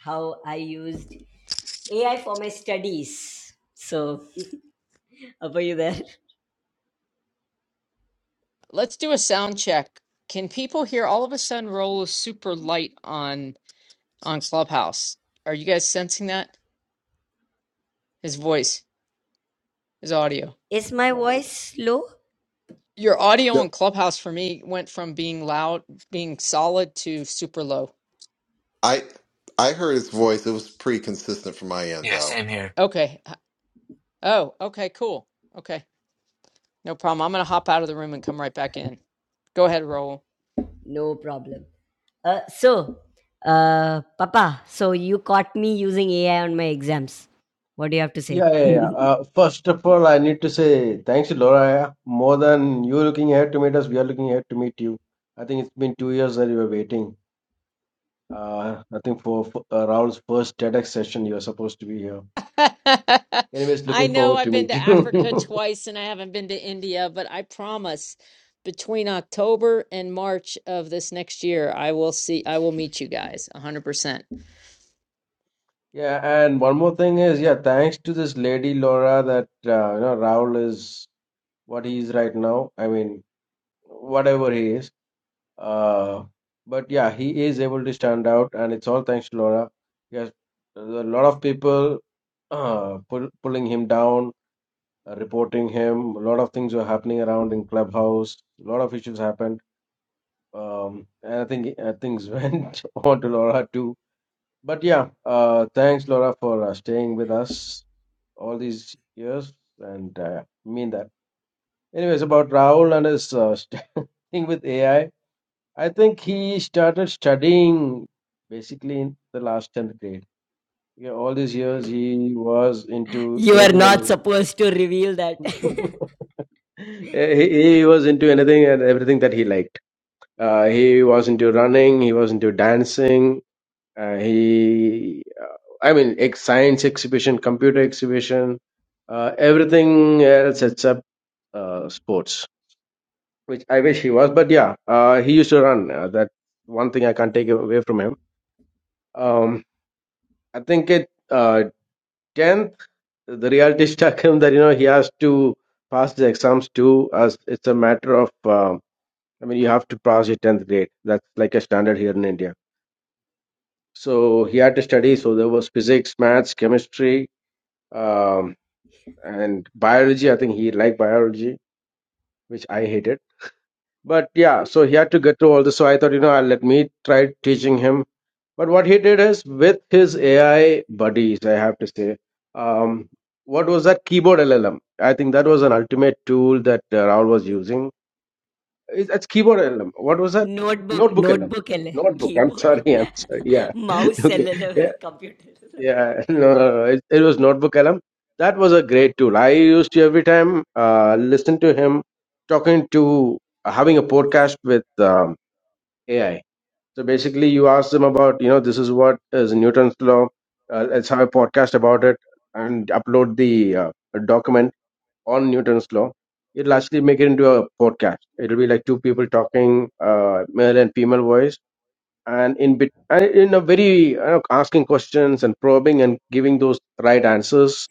how i used ai for my studies so are you there is my voice low
Yep. I I heard his voice. It was pretty consistent from my end,
Yeah,
though.
same here.
no problem uh so uh papa so you caught me using ai on my exams what do you have to say
Yeah, yeah, yeah. Uh, first of all, I need to say thanks to Laura. More than you looking ahead to meet us, we are looking ahead to meet you. I think it's been two years that you were waiting. Uh, I think for, for uh, Raul's first TEDx session, you're supposed to be here. Anyways, looking forward to meet you. Yeah, and one more thing is, yeah, thanks to this lady Laura that uh, you know Raul is what he is right now. I mean, whatever he is. Uh, but yeah, he is able to stand out, and it's all thanks to Laura. He has a lot of people uh, pull, pulling him down, uh, reporting him. A lot of things were happening around in clubhouse. A lot of issues happened, um, and I think uh, things went on to Laura too. But yeah, uh, thanks Laura for uh, staying with us all these years, and uh, mean that. Anyways, about Raul and his uh, thing with AI. I think he started studying basically in the last 10th grade. Yeah, all these years he was into
You are
anything and
not supposed to reveal that.
everything. Eh, he, he was into anything and everything that he liked. Uh, he was into running, he was into dancing, uh, he, uh, I mean, ex- science exhibition, computer exhibition, uh, everything else except uh, sports, which I wish he was. But yeah, uh, he used to run. Uh, that one thing I can't take away from him Um, I think at uh, 10th, the reality struck him that, you know, he has to pass the exams too, as it's a matter of, um, I mean, you have to pass your 10th grade. That's like a standard here in India. So he had to study. So there was physics, maths, chemistry, um, and biology. I think he liked biology, which I hated. But yeah, so he had to get through all this. So I thought, you know, I'll let me try teaching him But what he did is with his AI buddies, I have to say, um, what was that keyboard LLM? I think that was an ultimate tool that uh, Raul was using. It's, it's keyboard LLM. What was that?
notebook,
Notebook LLM.
notebook, ಅಲ್ಲ,
Notebook. I'm
keyboard,
sorry. I'm sorry. Yeah.
mouse,
okay.
ಅಲ್ಲಲ್ಲ,
Yeah.
computer. ಅಲ್ಲ.
Yeah. No, no, no. It, it was Notebook LLM. That was a great tool. I used to every time uh, listen to him talking to having a podcast with um, AI so basically, you ask them about, you know, this is what is Newton's law. Uh, let's have a podcast about it and upload the uh, document on Newton's law. It'll actually make it into a podcast. It'll be like two people talking, uh, male and female voice, and in bit, and in a very you know, asking questions and probing and giving those right answers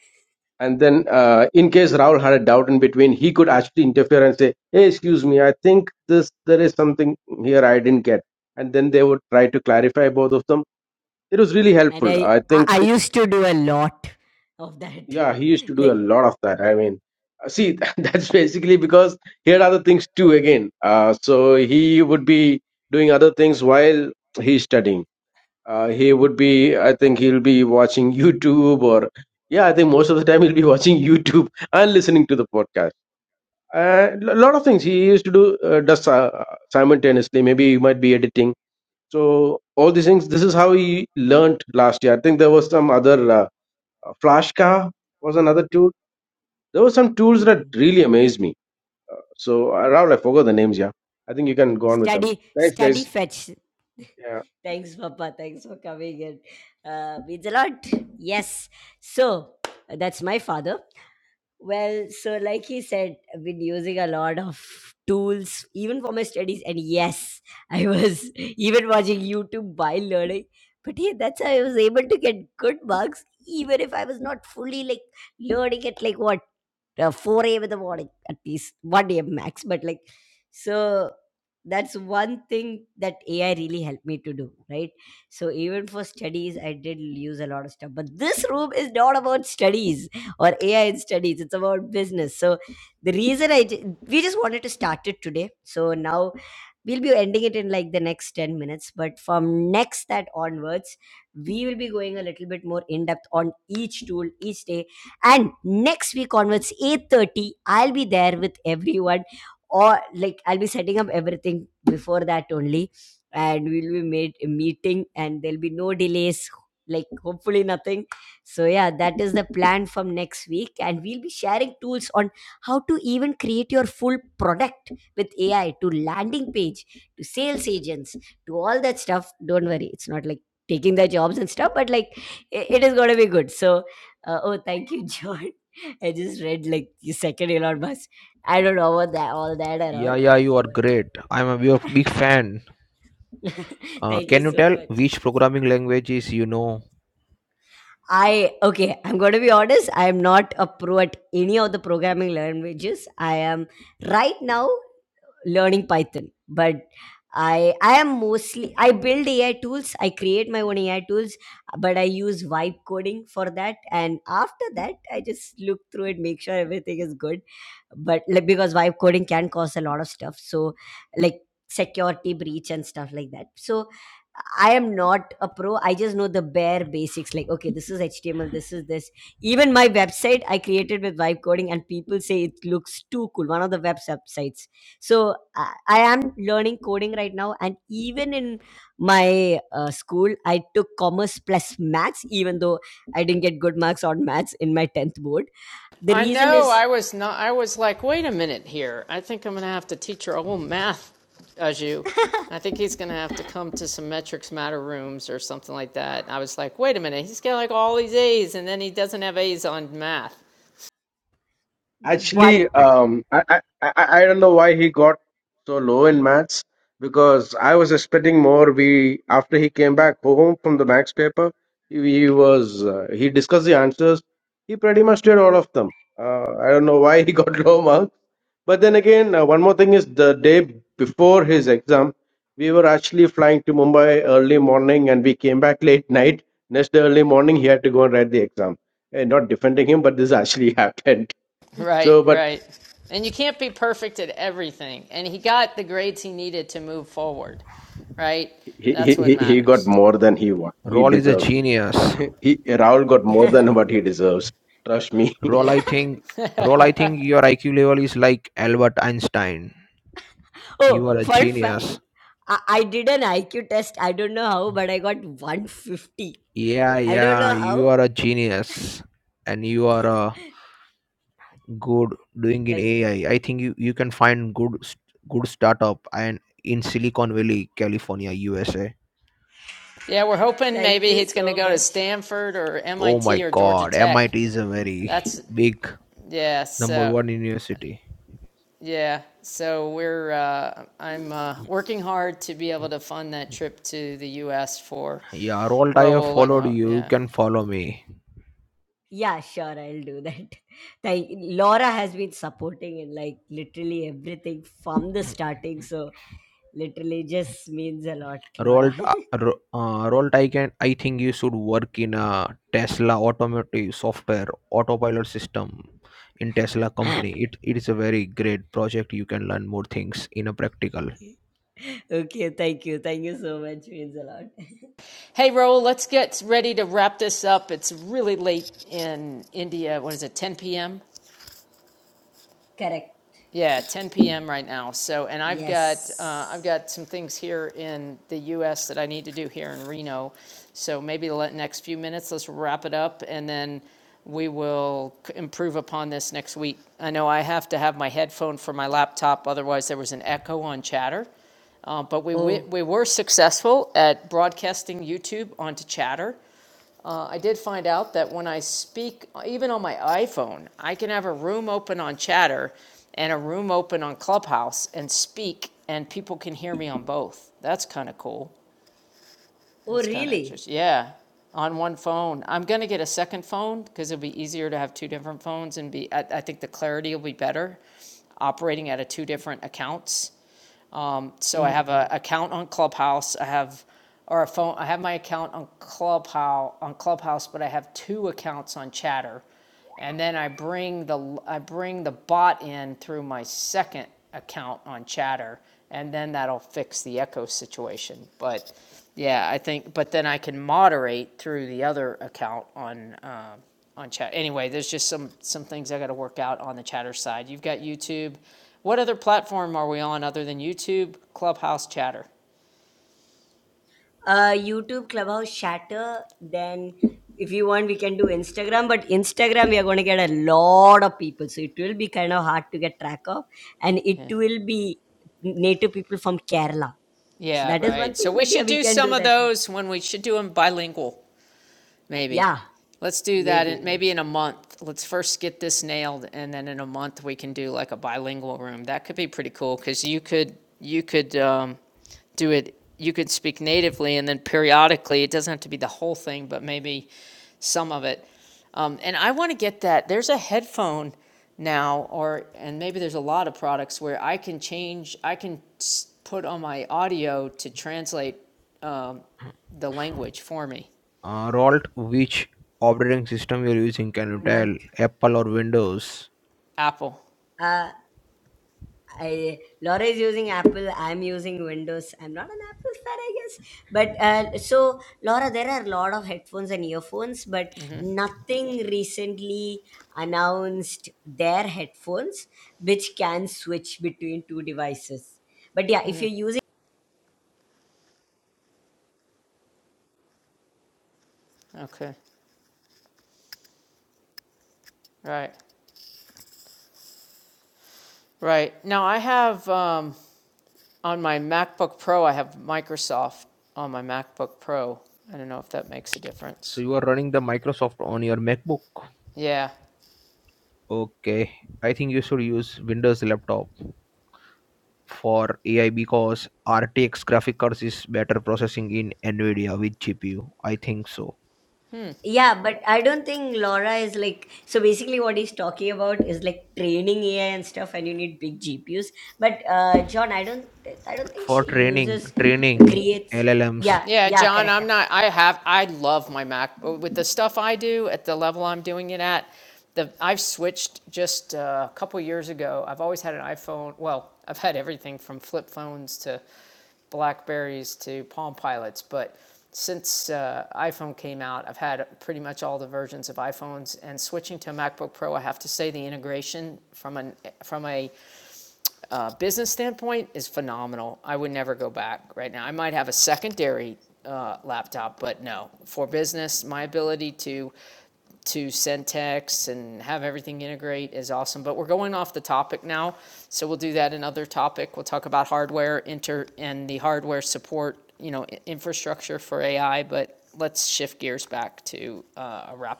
and then, uh, in case Rahul had a doubt in between, he could actually interfere and say, "Hey, excuse me, I think this there is something here I didn't get." And then they would try to clarify both of them. It was really
And
helpful.
I,
I
I
think,
I
it,
used to do a lot of that.
yeah, he used to do a
Like,
lot of that. I mean, uh, see, that's basically because he had other things too. Again, uh, so he would be doing other things while he's studying. Uh, he would be, I think, he'll be watching YouTube or. Yeah, I think most of the time he'll be watching YouTube and listening to the podcast a lot of things he used to do uh, does uh, simultaneously maybe you might be editing so all these things this is how he learned last year i think there was some other uh, flashka was another tool there were some tools
mhm.
that really amazed me uh, so uh, Rahul, i forgot the names yeah i think you can go on with them
study,
thanks
study
guys
fetch.
yeah
Thanks, Papa. Thanks for coming in. Uh, means a lot. Yes. So, that's my father. Well, so like he said, I've been using a lot of tools even for my studies, and yes, I was even watching YouTube while learning. But yeah, that's how I was able to get good marks, even if I was not fully like learning at like what uh, 4 A with the morning, at least 1 A max. But like, so that's one thing that AI really helped me to do, right? So even for studies, I did use a lot of stuff. But this room is not about studies or AI in studies, it's about business. So the reason I, ju- we just wanted to start it today. So now we'll be ending it in like the next 10 minutes but from next that onwards we will be going a little bit more in depth on each tool each day and next week onwards 8.30 i'll be there with everyone or like i'll be setting up everything before that only and we'll be made a meeting and there'll be no delays like hopefully nothing so yeah that is the plan from next week and we'll be sharing tools on how to even create your full product with AI to landing page to sales agents to all that stuff. Don't worry, it's not like taking their jobs and stuff, but like i- it is going to be good. So, uh, oh, thank you, John. I just read like the second Elon Musk. I don't know about that, all that at
Yeah,
all.
yeah, you are great. I'm a big big fan.
But
Uh,
thank you
can you
so
tell
much.
which programming languages you know?
I okay, I'm going to be honest. I am not a pro at any of the programming languages. I am right now learning Python, but I I am mostly I build AI tools. I create my own AI tools, but I use vibe coding for that. And after that, I just look through it, make sure everything is good but like because vibe coding can cause a lot of stuff so like security breach and stuff like that so i am not a pro i just know the bare basics like okay this is html this is this even my website i created with vibe coding and people say it looks too cool one of the web websites so i, I am learning coding right now and even in my uh, school i took commerce plus maths even though i didn't get good marks on maths in my 10th board the reason is One.
Actually,
Like,
um, I, I, I I don't know why he got so low in maths because I was expecting more. We after he came back home from the maths paper, he, he was uh, he discussed the answers. He pretty much did all of them. Uh, I don't know why he got low marks. But then again, uh, one more thing is the day before his exam, we were actually flying to Mumbai early morning and we came back late night. Next day early morning, he had to go and write the exam. And not defending him, but this actually happened. So, but he he he he got more than he wa- he
Roll is a
deserved.
genius.
He Raul got more than what he deserves. Trust me.
Roll, I think. Roll, I think your IQ level is like Albert Einstein. You are
oh,
a
fun fact.
genius.
I, I did an IQ test. I don't know how, but I got 150.
Yeah,
I don't
yeah,
know
you
how.
are a genius, and you are a good doing in
Thank,
AI. I I think you you can find good s- good startup and in Silicon Valley, California, USA.
thank you so much.
Oh my God, MIT is a very big Number one university. Yeah, Rolt, I have followed you. You can follow me.
Yeah, sure, I'll do that. Thank Laura has been supporting in like literally everything from the starting. So literally just means a lot, Laura.
Rolt, uh, Ro- uh, Rolt, I can. I think you should work in a Tesla automotive software autopilot system in Tesla company. It it is a very great project. You can learn more things in a practical.
okay, thank you. Thank you so much. Means a lot. Correct. Yes. Oh. Oh really? uh youtube clubhouse shatter then if you want we can do instagram but instagram we are going to get a lot of people so it will be kind of hard to get track of and it will be native people from kerala so that is one thing but yeah we can do that too. yeah maybe let's say
Uh, Rolt, which operating system you're using? Can you
month
tell? Apple or Windows?
Uh. I Laura is using Apple. I'm using Windows. I'm not an Apple fan, I guess. But uh, so Laura, there are a lot of headphones and earphones, but nothing recently announced their headphones which can switch between two devices. But yeah, if you're using
So you are running the Microsoft on your MacBook. Okay, I think you should use Windows laptop for AI because RTX graphic cards is better processing in NVIDIA with GPU. I think so.
Yeah, but I don't think Laura is like so basically what he's talking about is like training AI and stuff and you need big GPUs. But uh John, I don't I don't think
For
she
training,
uses
training
creates
LLMs.
yeah, yeah, correct, correct.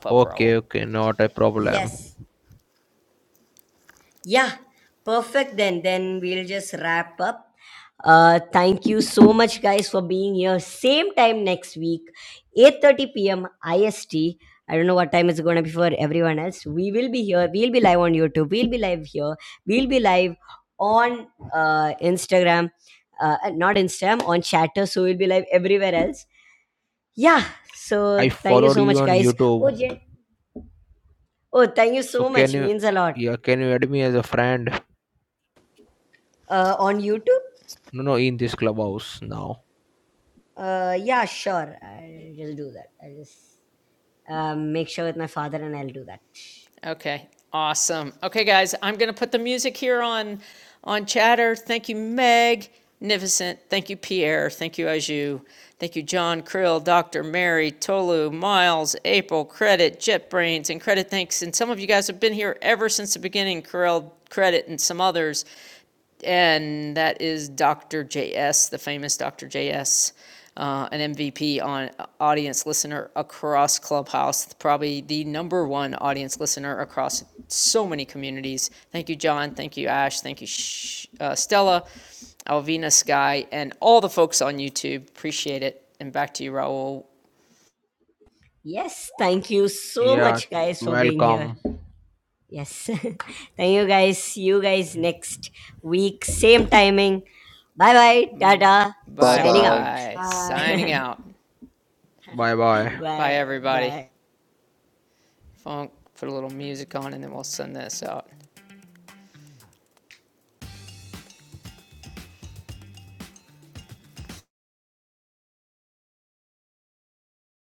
Okay, okay, not a problem.
Yes. Yeah, perfect. Then, then we'll just wrap up. Uh, thank you so much, guys, for being here. Same time next week, 8:30 p.m. IST. I S T. I don't know what time it's going to be for everyone else. We will be here. We'll be live on YouTube. We'll be live here. We'll be live on uh, Instagram. Uh, not Instagram, on Chatter. So we'll be live everywhere else. Yeah. So
I
thank you
followed
so
you
much,
on
guys. Oh,
YouTube.
Jen. Oh, thank you
So
so
can
much.
you
Means a lot.
yeah, can you add me as a friend?
Uh, on YouTube.
No, no, in this clubhouse now.
Uh, yeah, sure. I'll just do that. I'll just um, make sure with my father and I'll do that. Yes, thank you so
Yeah,
much, guys, for being here.
welcome.
Yes. thank you, guys. See you guys next week. Same timing. Bye bye. Tata.
Bye
Signing
bye.
out.
Bye.
Bye bye.
bye. Bye.